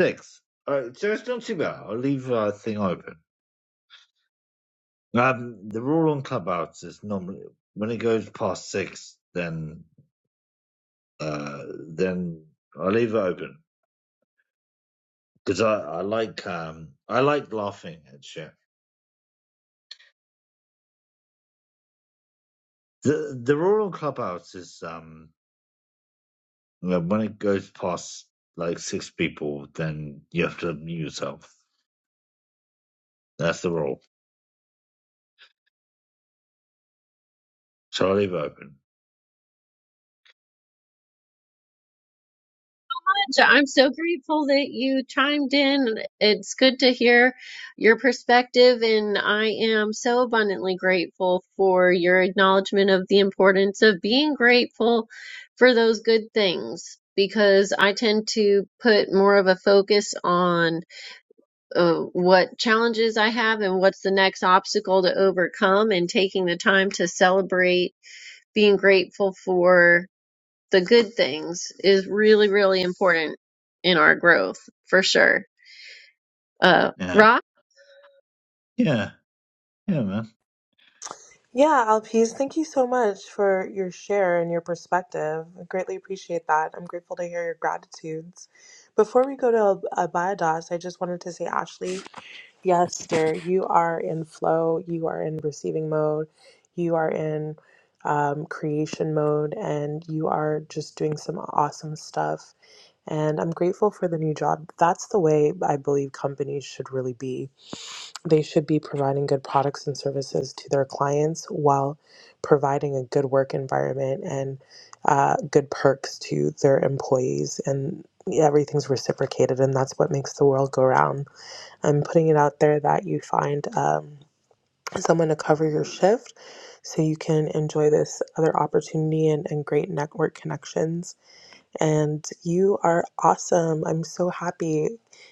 S10: Six. All right, so it's not too bad. I'll leave uh, thing open. Um, the rule on Clubhouse is normally when it goes past six, then uh, then I leave it open because I I like um I like laughing at shit. The the rural clubhouse is um when it goes past like six people, then you have to mute yourself. That's the rule. So I leave it open.
S1: So I'm so grateful that you chimed in. It's good to hear your perspective, and I am so abundantly grateful for your acknowledgement of the importance of being grateful for those good things. Because I tend to put more of a focus on uh, what challenges I have and what's the next obstacle to overcome, and taking the time to celebrate being grateful for the good things is really, really important in our growth for sure. Uh,
S10: Yeah,
S1: Rock,
S10: yeah, yeah, man.
S2: Yeah, Alpiz, thank you so much for your share and your perspective. I greatly appreciate that. I'm grateful to hear your gratitudes. Before we go to Abayadas, I just wanted to say, Ashley, yes, dear, you are in flow, you are in receiving mode, you are in um, creation mode, and you are just doing some awesome stuff. And I'm grateful for the new job. That's the way I believe companies should really be They should be providing good products and services to their clients while providing a good work environment and uh, good perks to their employees. And everything's reciprocated, and that's what makes the world go round. I'm putting it out there that you find um, someone to cover your shift so you can enjoy this other opportunity and, and great network connections. And you are awesome. I'm so happy.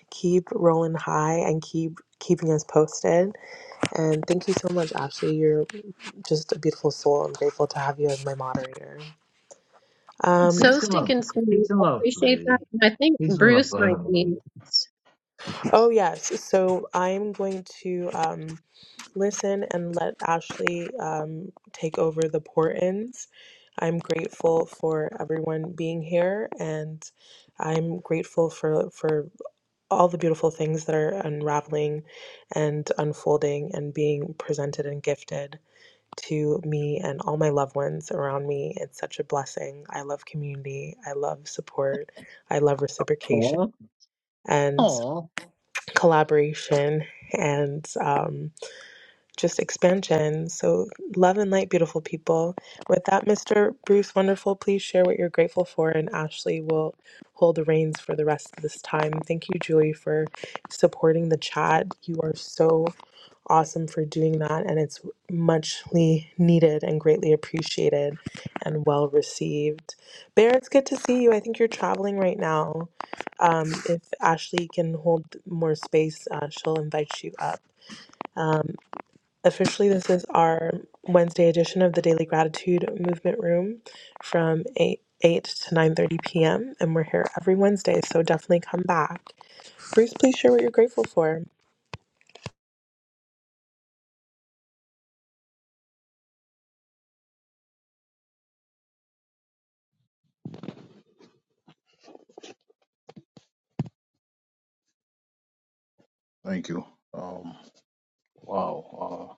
S2: Keep rolling high and keep keeping us posted. And thank you so much, Ashley. You're just a beautiful soul. I'm grateful to have you as my moderator. Um,
S1: so
S10: Peace and love,
S1: stinking sweet.
S10: peace and
S1: I
S10: love,
S1: appreciate that.
S10: lady.
S1: And I think
S10: Peace and love,
S1: Bruce might be.
S10: lady.
S1: next.
S2: oh, yes. So I'm going to um, listen and let Ashley um, take over the pour ins. I'm grateful for everyone being here, and I'm grateful for, for all the beautiful things that are unraveling and unfolding and being presented and gifted. to me and all my loved ones around me. It's such a blessing. I love community. I love support. I love reciprocation
S10: Aw,
S2: and
S10: aw,
S2: collaboration. And, um, just expansion. So, love and light, beautiful people. With that, Mr. Bruce Wonderful, please share what you're grateful for, and Ashley will hold the reins for the rest of this time. Thank you, Julie, for supporting the chat. You are so awesome for doing that, and it's muchly needed and greatly appreciated and well received. Bear, it's good to see you. I think you're traveling right now. Um, if Ashley can hold more space, uh, she'll invite you up. Um, Officially, this is our Wednesday edition of the Daily Gratitude Movement Room from 8, 8 to 9.30 p.m. And we're here every Wednesday, so definitely come back. Bruce, please share what you're grateful for.
S11: Thank you. Um, wow. Uh,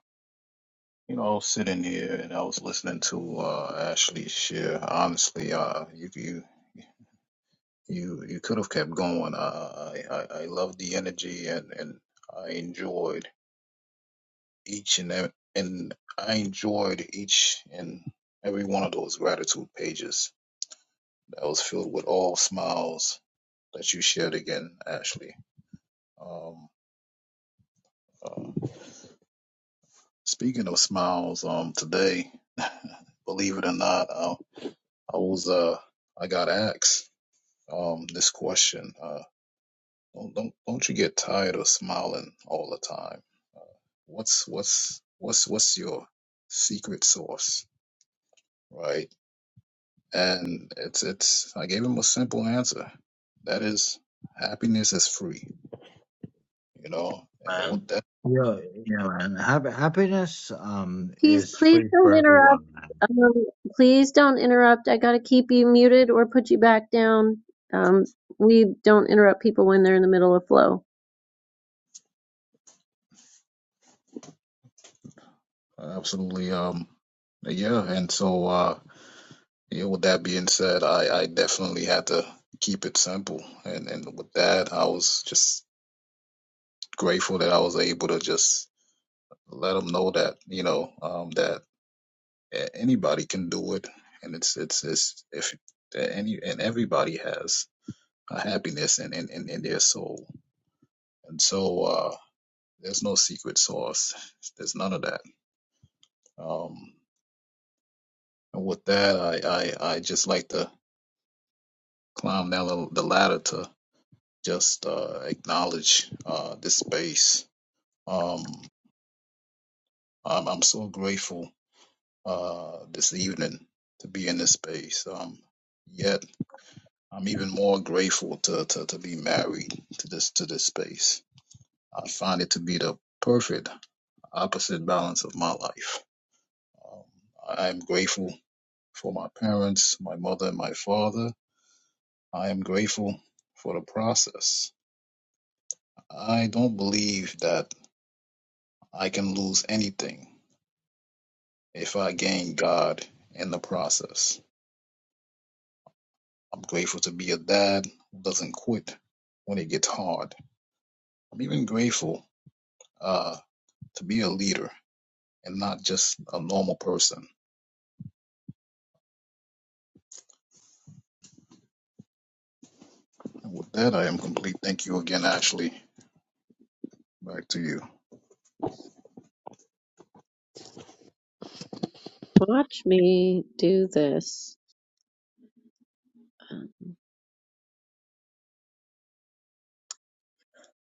S11: you know, I was sitting here and I was listening to uh, Ashley share. Honestly, uh, you you you you could have kept going. Uh, I I, I love the energy and and I enjoyed each and ev- and I enjoyed each and every one of those gratitude pages that was filled with all smiles that you shared again, Ashley. Um, uh, speaking of smiles, um, today, believe it or not. uh, I was uh I got asked um this question. Uh don't don't don't you get tired of smiling all the time? What's what's what's what's your secret sauce? Right? And it's it's I gave him a simple answer. That is happiness is free, you know? And with
S10: man.
S11: that
S10: Yeah, yeah, man. Hap- happiness um
S1: Please,
S10: is
S1: please
S10: free
S1: don't
S10: for
S1: interrupt.
S10: everyone, man.
S1: Um, please don't interrupt. I gotta keep you muted or put you back down. Um, we don't interrupt people when they're in the middle of flow.
S11: absolutely um yeah, and so uh yeah, with that being said, I, I definitely had to keep it simple. And and with that I was just grateful that I was able to just let them know that you know um, that a- anybody can do it, and it's it's it's if that any and everybody has a happiness in in, in, in their soul, and so uh, there's no secret sauce. There's none of that. Um, and with that, I, I I just like to climb down the, the ladder to just uh, acknowledge uh, this space. Um, I'm I'm so grateful uh, this evening to be in this space. Um, yet I'm even more grateful to, to, to be married to this to this space. I find it to be the perfect opposite balance of my life. Um, I am grateful for my parents, my mother, and my father. I am grateful for the process. I don't believe that I can lose anything if I gain God in the process. I'm grateful to be a dad who doesn't quit when it gets hard. I'm even grateful uh, to be a leader and not just a normal person. And with that, I am complete. Thank you again, Ashley. Back to you.
S1: Watch me do this. Uh,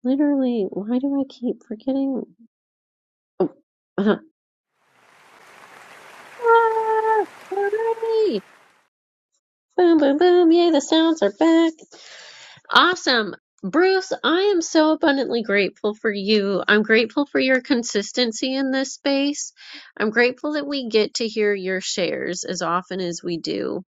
S1: Literally, why do I keep forgetting? Oh, uh, Boom, boom, boom. Yay, the sounds are back. Awesome. Bruce, I am so abundantly grateful for you. I'm grateful for your consistency in this space. I'm grateful that we get to hear your shares as often as we do.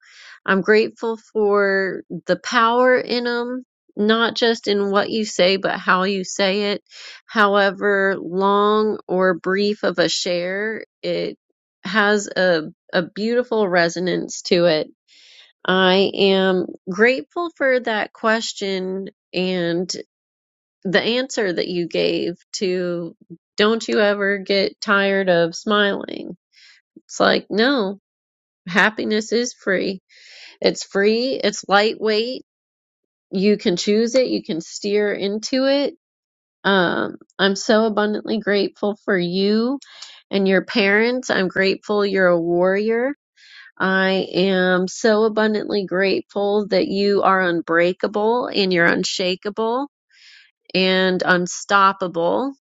S1: I'm grateful for the power in them, not just in what you say, but how you say it. However long or brief of a share, it has a, a beautiful resonance to it I am grateful for that question and the answer that you gave to don't you ever get tired of smiling. It's like, no, happiness is free. It's free, it's lightweight. You can choose it, you can steer into it. Um, I'm so abundantly grateful for you and your parents. I'm grateful you're a warrior. I am so abundantly grateful that you are unbreakable and you're unshakable and unstoppable.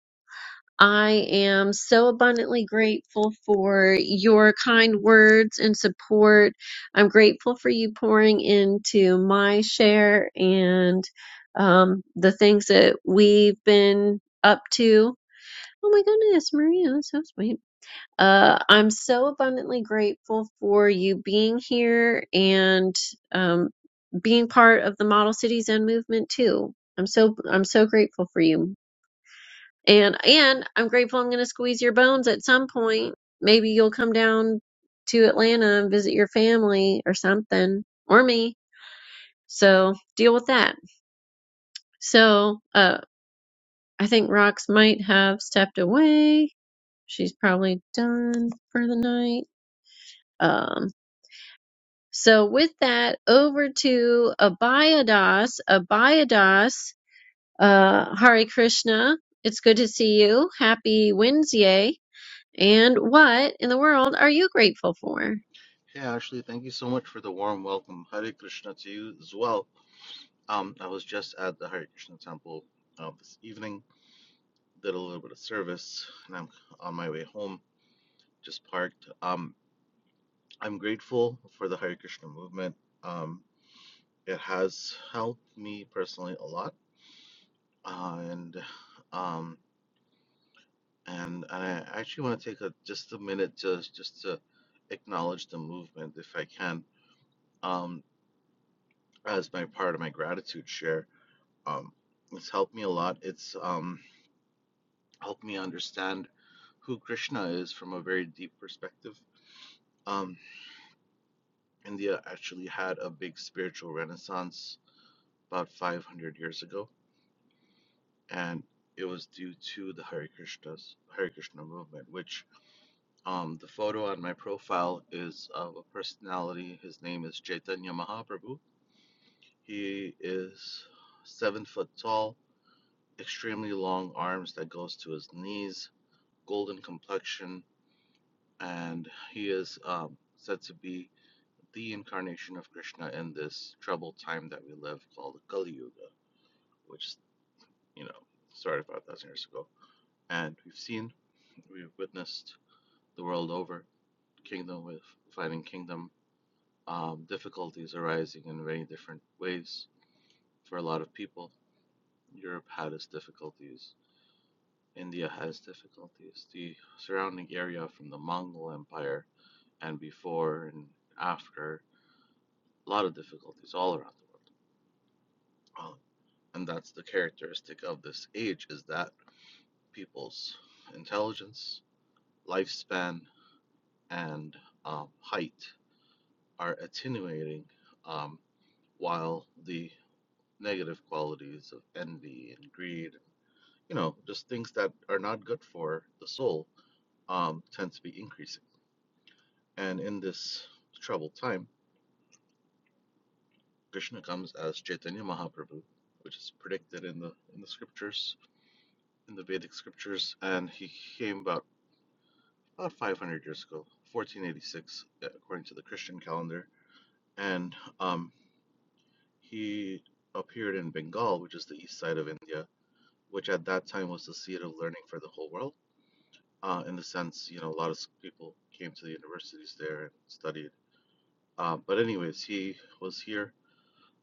S1: I am so abundantly grateful for your kind words and support. I'm grateful for you pouring into my share and um, the things that we've been up to. Oh my goodness, Maria, that's so sweet. Uh, I'm so abundantly grateful for you being here and um, being part of the Model Cities Zen movement too. I'm so I'm so grateful for you, and and I'm grateful I'm going to squeeze your bones at some point. Maybe you'll come down to Atlanta and visit your family or something, or me. So deal with that. So uh, I think Rox might have stepped away. She's probably done for the night. Um, So with that, over to Abhayadas. Abhayadas, uh, Hare Krishna. It's good to see you. Happy Wednesday. And what in the world are you grateful for?
S12: Hey, Ashley, thank you so much for the warm welcome. Hare Krishna to you as well. Um, I was just at the Hare Krishna temple uh, this evening, did a little bit of service, and I'm on my way home, just parked. Um, I'm grateful for the Hare Krishna movement. Um, it has helped me personally a lot, uh, and um, and and I actually want to take a, just a minute to just to acknowledge the movement, if I can, um, as my part of my gratitude share Um, it's helped me a lot. It's um, helped me understand who Krishna is from a very deep perspective. Um, India actually had a big spiritual renaissance about 500 years ago, and it was due to the Hare Krishna's Hare Krishna movement. Which um, the photo on my profile is of a personality. His name is Chaitanya Mahaprabhu. He is seven foot tall, extremely long arms that goes to his knees, golden complexion, and he is um, said to be the incarnation of Krishna in this troubled time that we live called the Kali Yuga, which you know started 5,000 years ago. And we've seen, we've witnessed the world over, kingdom with fighting kingdom, um, difficulties arising in many different ways for a lot of people. Europe had its difficulties. India has difficulties. The surrounding area from the Mongol Empire and before and after a lot of difficulties all around the world. Um, and that's the characteristic of this age is that people's intelligence, lifespan, and um, height are attenuating um, while the negative qualities of envy and greed, you know, just things that are not good for the soul, um, tend to be increasing. And in this troubled time, Krishna comes as Chaitanya Mahaprabhu, which is predicted in the in the scriptures in the Vedic scriptures, and he came about about 500 years ago, 1486 uh, according to the Christian calendar, and um, he appeared in Bengal, which is the east side of India, which at that time was the seat of learning for the whole world. Uh, in the sense, you know, a lot of people came to the universities there and studied. Uh, but anyways, he was here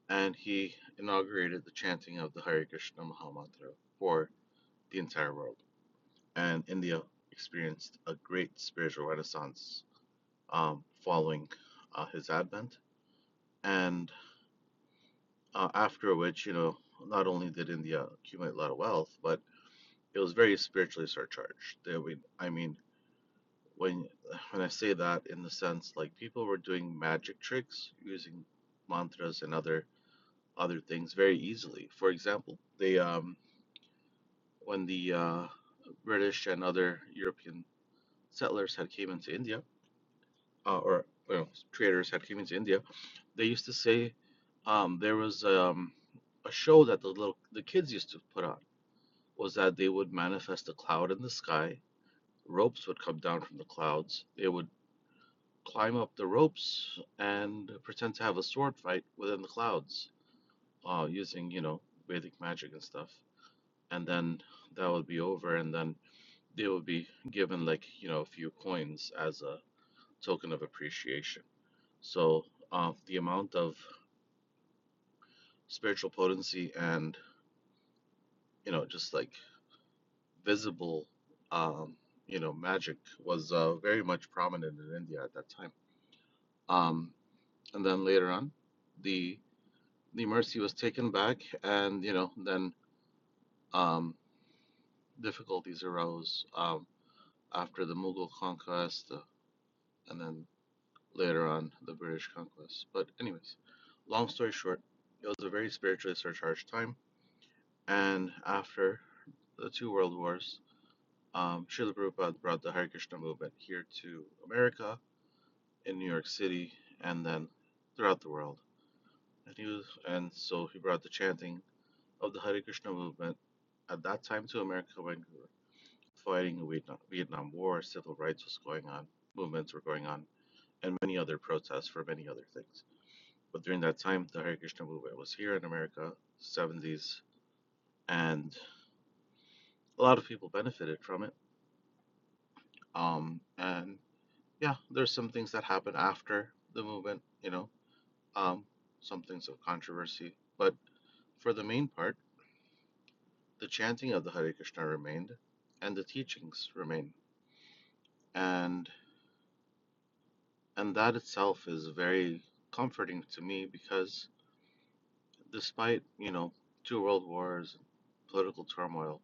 S12: and he inaugurated the chanting of the Hare Krishna Mahamantra for the entire world. and India experienced a great spiritual renaissance um, following uh, his advent. And uh, after which, you know, not only did India accumulate a lot of wealth, but it was very spiritually surcharged. There we, I mean, when when I say that in the sense like people were doing magic tricks using mantras and other other things very easily. For example, they um, when the uh, British and other European settlers had came into India, uh, or you know, traders had came into India, they used to say um, there was um, a show that the little the kids used to put on was that they would manifest a cloud in the sky, ropes would come down from the clouds, they would climb up the ropes and pretend to have a sword fight within the clouds uh, using you know Vedic magic and stuff, and then that would be over, and then they would be given like you know a few coins as a token of appreciation. So uh, the amount of spiritual potency and you know just like visible um you know magic was uh, very much prominent in india at that time um and then later on the the mercy was taken back and you know then um difficulties arose um after the mughal conquest uh, and then later on the british conquest but anyways long story short it was a very spiritually surcharged time and after the two world wars Um, Srila Prabhupada brought the Hare Krishna movement here to America in New York City and then throughout the world. And he was, and so he brought the chanting of the Hare Krishna movement at that time to America when we were fighting the Vietnam, Vietnam War, civil rights was going on, movements were going on, and many other protests for many other things. But during that time, the Hare Krishna movement was here in America, 70s, and a lot of people benefited from it. Um, and yeah, there's some things that happen after the movement, you know, um, some things of controversy. But for the main part, the chanting of the Hare Krishna remained, and the teachings remain, and and that itself is very comforting to me because despite you know two world wars, political turmoil,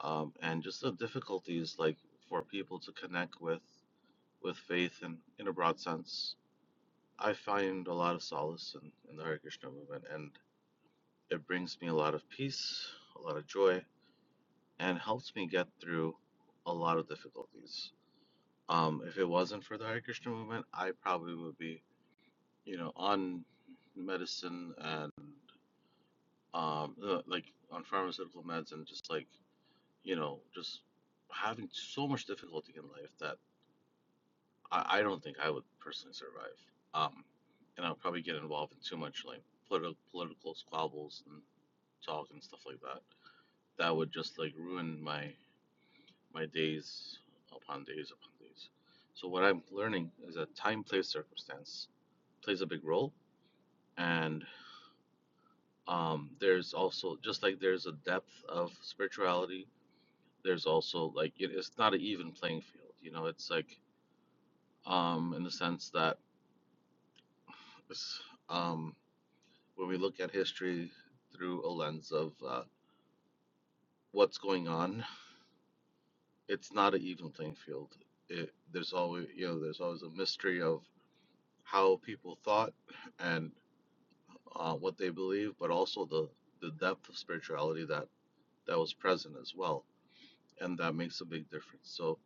S12: um, and just the difficulties like for people to connect with with faith and in in a broad sense, I find a lot of solace in, in the Hare Krishna movement and It brings me a lot of peace, a lot of joy, and helps me get through a lot of difficulties. Um, if it wasn't for the Hare Krishna movement, I probably would be, you know, on medicine and um, uh, like on pharmaceutical meds and just like, you know, just having so much difficulty in life that I, I don't think I would personally survive. Um, and I'll probably get involved in too much like politi- political squabbles and talk and stuff like that. That would just like ruin my my days upon days upon days. So what I'm learning is that time, place, circumstance plays a big role, and um, there's also just like there's a depth of spirituality. There's also like it, it's not an even playing field. You know, it's like um, in the sense that it's, um, when we look at history through a lens of uh, what's going on, it's not an even playing field. It, there's always you know there's always a mystery of how people thought and. uh, what they believe, but also the the depth of spirituality that that was present as well, and that makes a big difference. So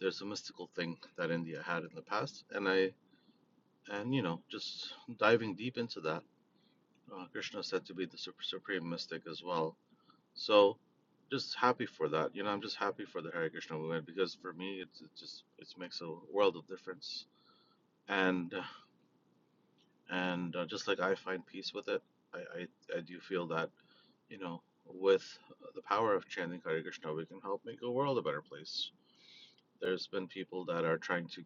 S12: there's a mystical thing that India had in the past, and I and you know just diving deep into that, uh, Krishna is said to be the sup- supreme mystic as well. So just happy for that. You know, I'm just happy for the Hare Krishna movement because for me, it's it just it makes a world of difference, and and uh, just like I find peace with it, I I, I do feel that. you know, with the power of chanting Hare Krishna, we can help make the world a better place. There's been people that are trying to,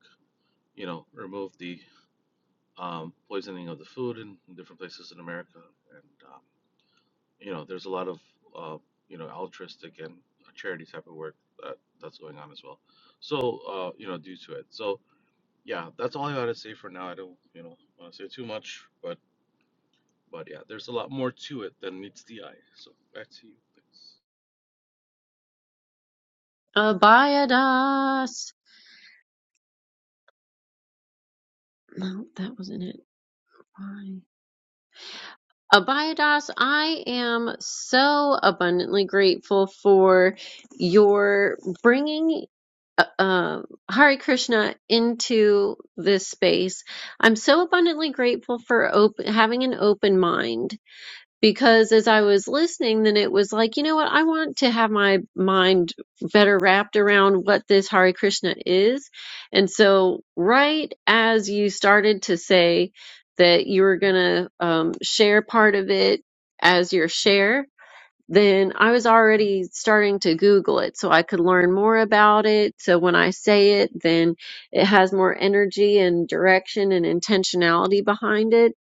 S12: you know, remove the um, poisoning of the food in different places in America, and um, you know, there's a lot of, uh, you know, altruistic and charity type of work that that's going on as well. So, uh, you know, due to it. So, yeah, that's all I gotta say for now. I don't, you know, want to say too much, but but yeah, there's a lot more to it than meets the eye. So back to you. Thanks.
S1: Abhayadas. No, that wasn't it. Why? Abhayadas, I am so abundantly grateful for your bringing uh, um, Hare Krishna into this space. I'm so abundantly grateful for op- having an open mind because as I was listening, then it was like, you know what? I want to have my mind better wrapped around what this Hare Krishna is. And so, right as you started to say that you were going to um, share part of it as your share, then I was already starting to Google it so I could learn more about it. So when I say it, then it has more energy and direction and intentionality behind it.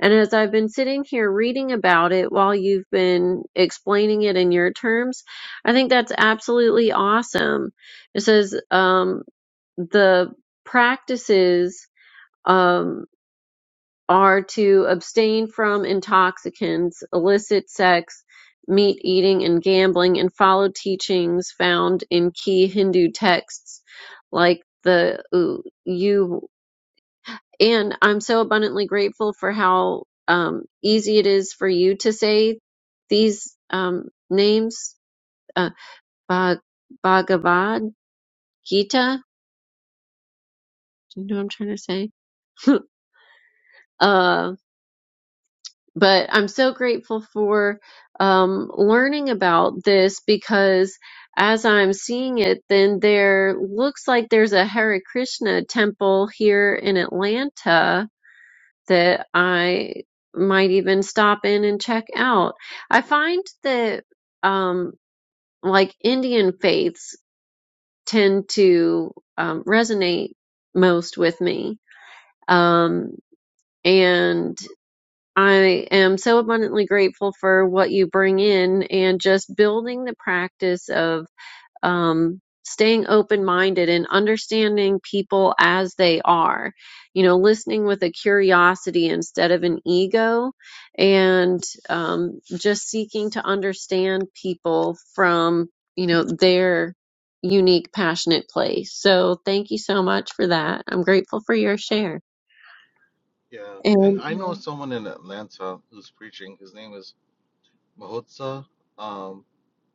S1: And as I've been sitting here reading about it while you've been explaining it in your terms, I think that's absolutely awesome. It says um, the practices. Um, are to abstain from intoxicants, illicit sex, meat eating, and gambling, and follow teachings found in key Hindu texts like the ooh, you. And I'm so abundantly grateful for how um, easy it is for you to say these um, names, uh, Bhag- Bhagavad Gita. Do you know what I'm trying to say? um but I'm so grateful for um, learning about this because as I'm seeing it, then there looks like there's a Hare Krishna temple here in Atlanta that I might even stop in and check out. I find that um, like Indian faiths tend to um, resonate most with me. Um, and I am so abundantly grateful for what you bring in and just building the practice of um, staying open minded and understanding people as they are. You know, listening with a curiosity instead of an ego and um, just seeking to understand people from, you know, their unique, passionate place. So thank you so much for that. I'm grateful for your share.
S12: Yeah, and
S1: And
S12: I know Yeah. someone in Atlanta who's preaching. His name is Mahotsa um,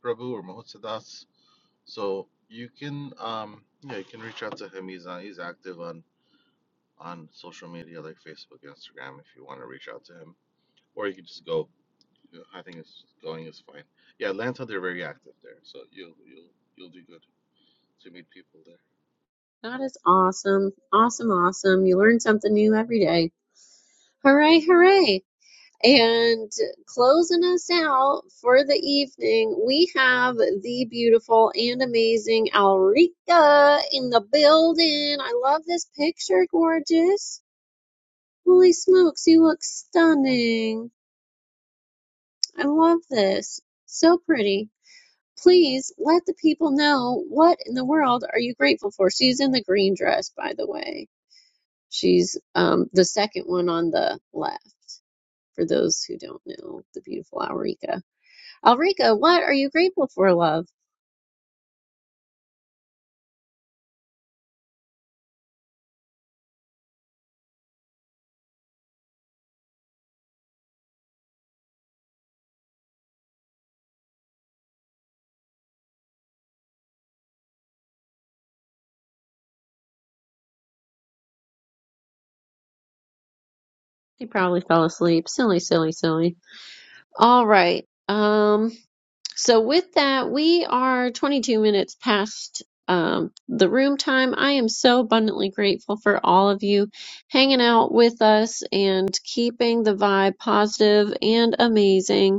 S12: Prabhu or Mahotsa Das. So you can, um, yeah, you can reach out to him. He's on, he's active on on social media like Facebook, Instagram. If you want to reach out to him, or you can just go. you know, I think it's going is fine. Yeah, Atlanta, they're very active there, so you'll you'll you'll do good to meet people there.
S1: That is awesome. Awesome, awesome. You learn something new every day. Hooray, hooray. And closing us out for the evening, we have the beautiful and amazing Alrika in the building. I love this picture, gorgeous. Holy smokes, you look stunning. I love this. So pretty. Please let the people know what in the world are you grateful for. She's in the green dress, by the way. She's um, the second one on the left, for those who don't know the beautiful Alrika. Alrika, what are you grateful for, love? He probably fell asleep. Silly, silly, silly. All right. Um, so with that, we are 22 minutes past um, the room time. I am so abundantly grateful for all of you hanging out with us and keeping the vibe positive and amazing.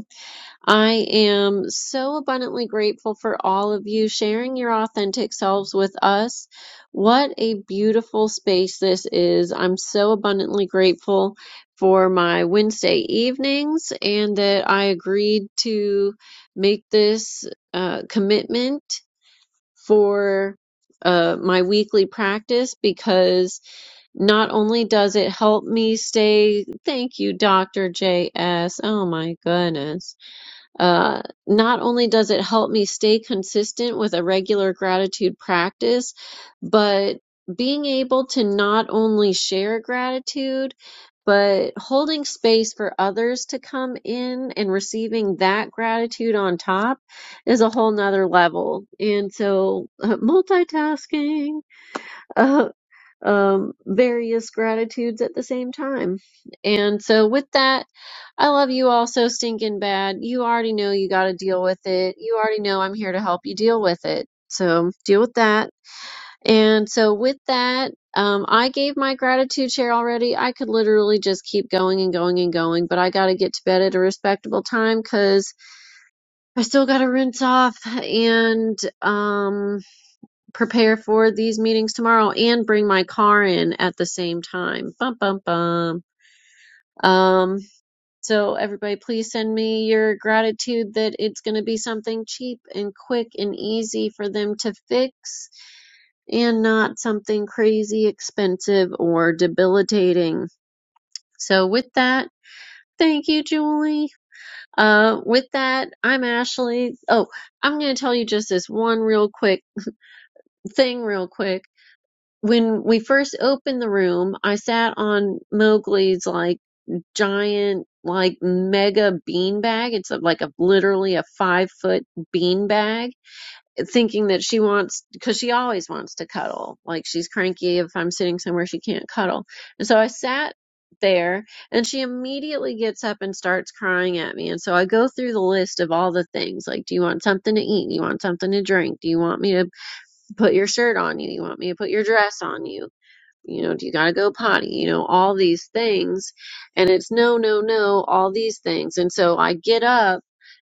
S1: I am so abundantly grateful for all of you sharing your authentic selves with us. What a beautiful space this is. I'm so abundantly grateful for my Wednesday evenings and that I agreed to make this uh, commitment for uh, my weekly practice because not only does it help me stay, thank you, Dr. JS. Oh my goodness uh, not only does it help me stay consistent with a regular gratitude practice, but being able to not only share gratitude, but holding space for others to come in and receiving that gratitude on top is a whole nother level. And so, uh, multitasking. uh, um, various gratitudes at the same time. And so, with that, I love you all so stinking bad. You already know you got to deal with it. You already know I'm here to help you deal with it. So, deal with that. And so, with that, um, I gave my gratitude share already. I could literally just keep going and going and going, but I got to get to bed at a respectable time because I still got to rinse off and, um, prepare for these meetings tomorrow and bring my car in at the same time. Bum bum bum. Um so everybody please send me your gratitude that it's going to be something cheap and quick and easy for them to fix and not something crazy expensive or debilitating. So with that, thank you Julie. Uh with that, I'm Ashley. Oh, I'm going to tell you just this one real quick thing real quick when we first opened the room, I sat on Mowgli's like giant, like mega bean bag. It's a, like a literally a five foot bean bag, thinking that she wants because she always wants to cuddle. Like she's cranky if I'm sitting somewhere she can't cuddle, and so I sat there and she immediately gets up and starts crying at me and so I go through the list of all the things like do you want something to eat do you want something to drink do you want me to put your shirt on you? Do You want me to put your dress on you? you know, do you got to go potty? You know, all these things. And it's no, no, no, all these things. And so I get up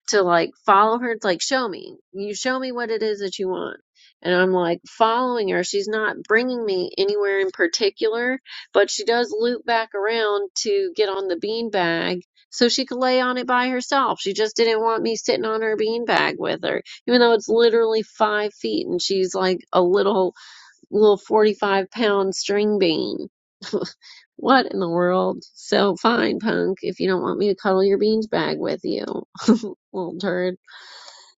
S1: to like follow her, it's like, show me, you show me what it is that you want. And I'm like following her. She's not bringing me anywhere in particular, but she does loop back around to get on the beanbag so she could lay on it by herself. She just didn't want me sitting on her beanbag with her, even though it's literally five feet and she's like a little little 45 pound string bean. What in the world? So fine, punk, if you don't want me to cuddle your beans bag with you. Little turd.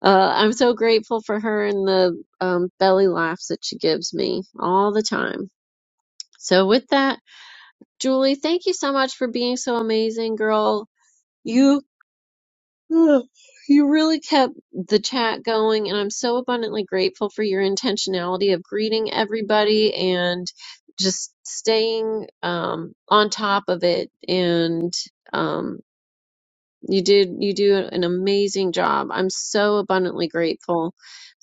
S1: Uh, I'm so grateful for her and the um, belly laughs that she gives me all the time. So with that, Julie, thank you so much for being so amazing, girl. You Ugh, You really kept the chat going, and I'm so abundantly grateful for your intentionality of greeting everybody and just staying um, on top of it. And um, you did you do an amazing job. I'm so abundantly grateful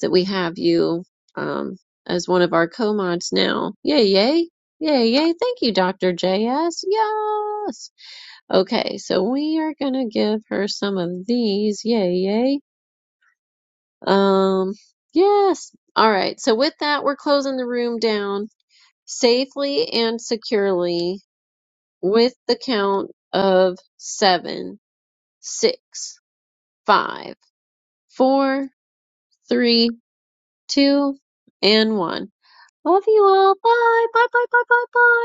S1: that we have you um, as one of our co-mods now. Yay, yay, yay, yay! Thank you, Dr. JS. Yes. Okay, so we are gonna give her some of these. Yay, yay. Um, yes. All right, so with that, we're closing the room down safely and securely with the count of seven, six, five, four, three, two, and one. Love you all. Bye, bye, bye, bye, bye, bye.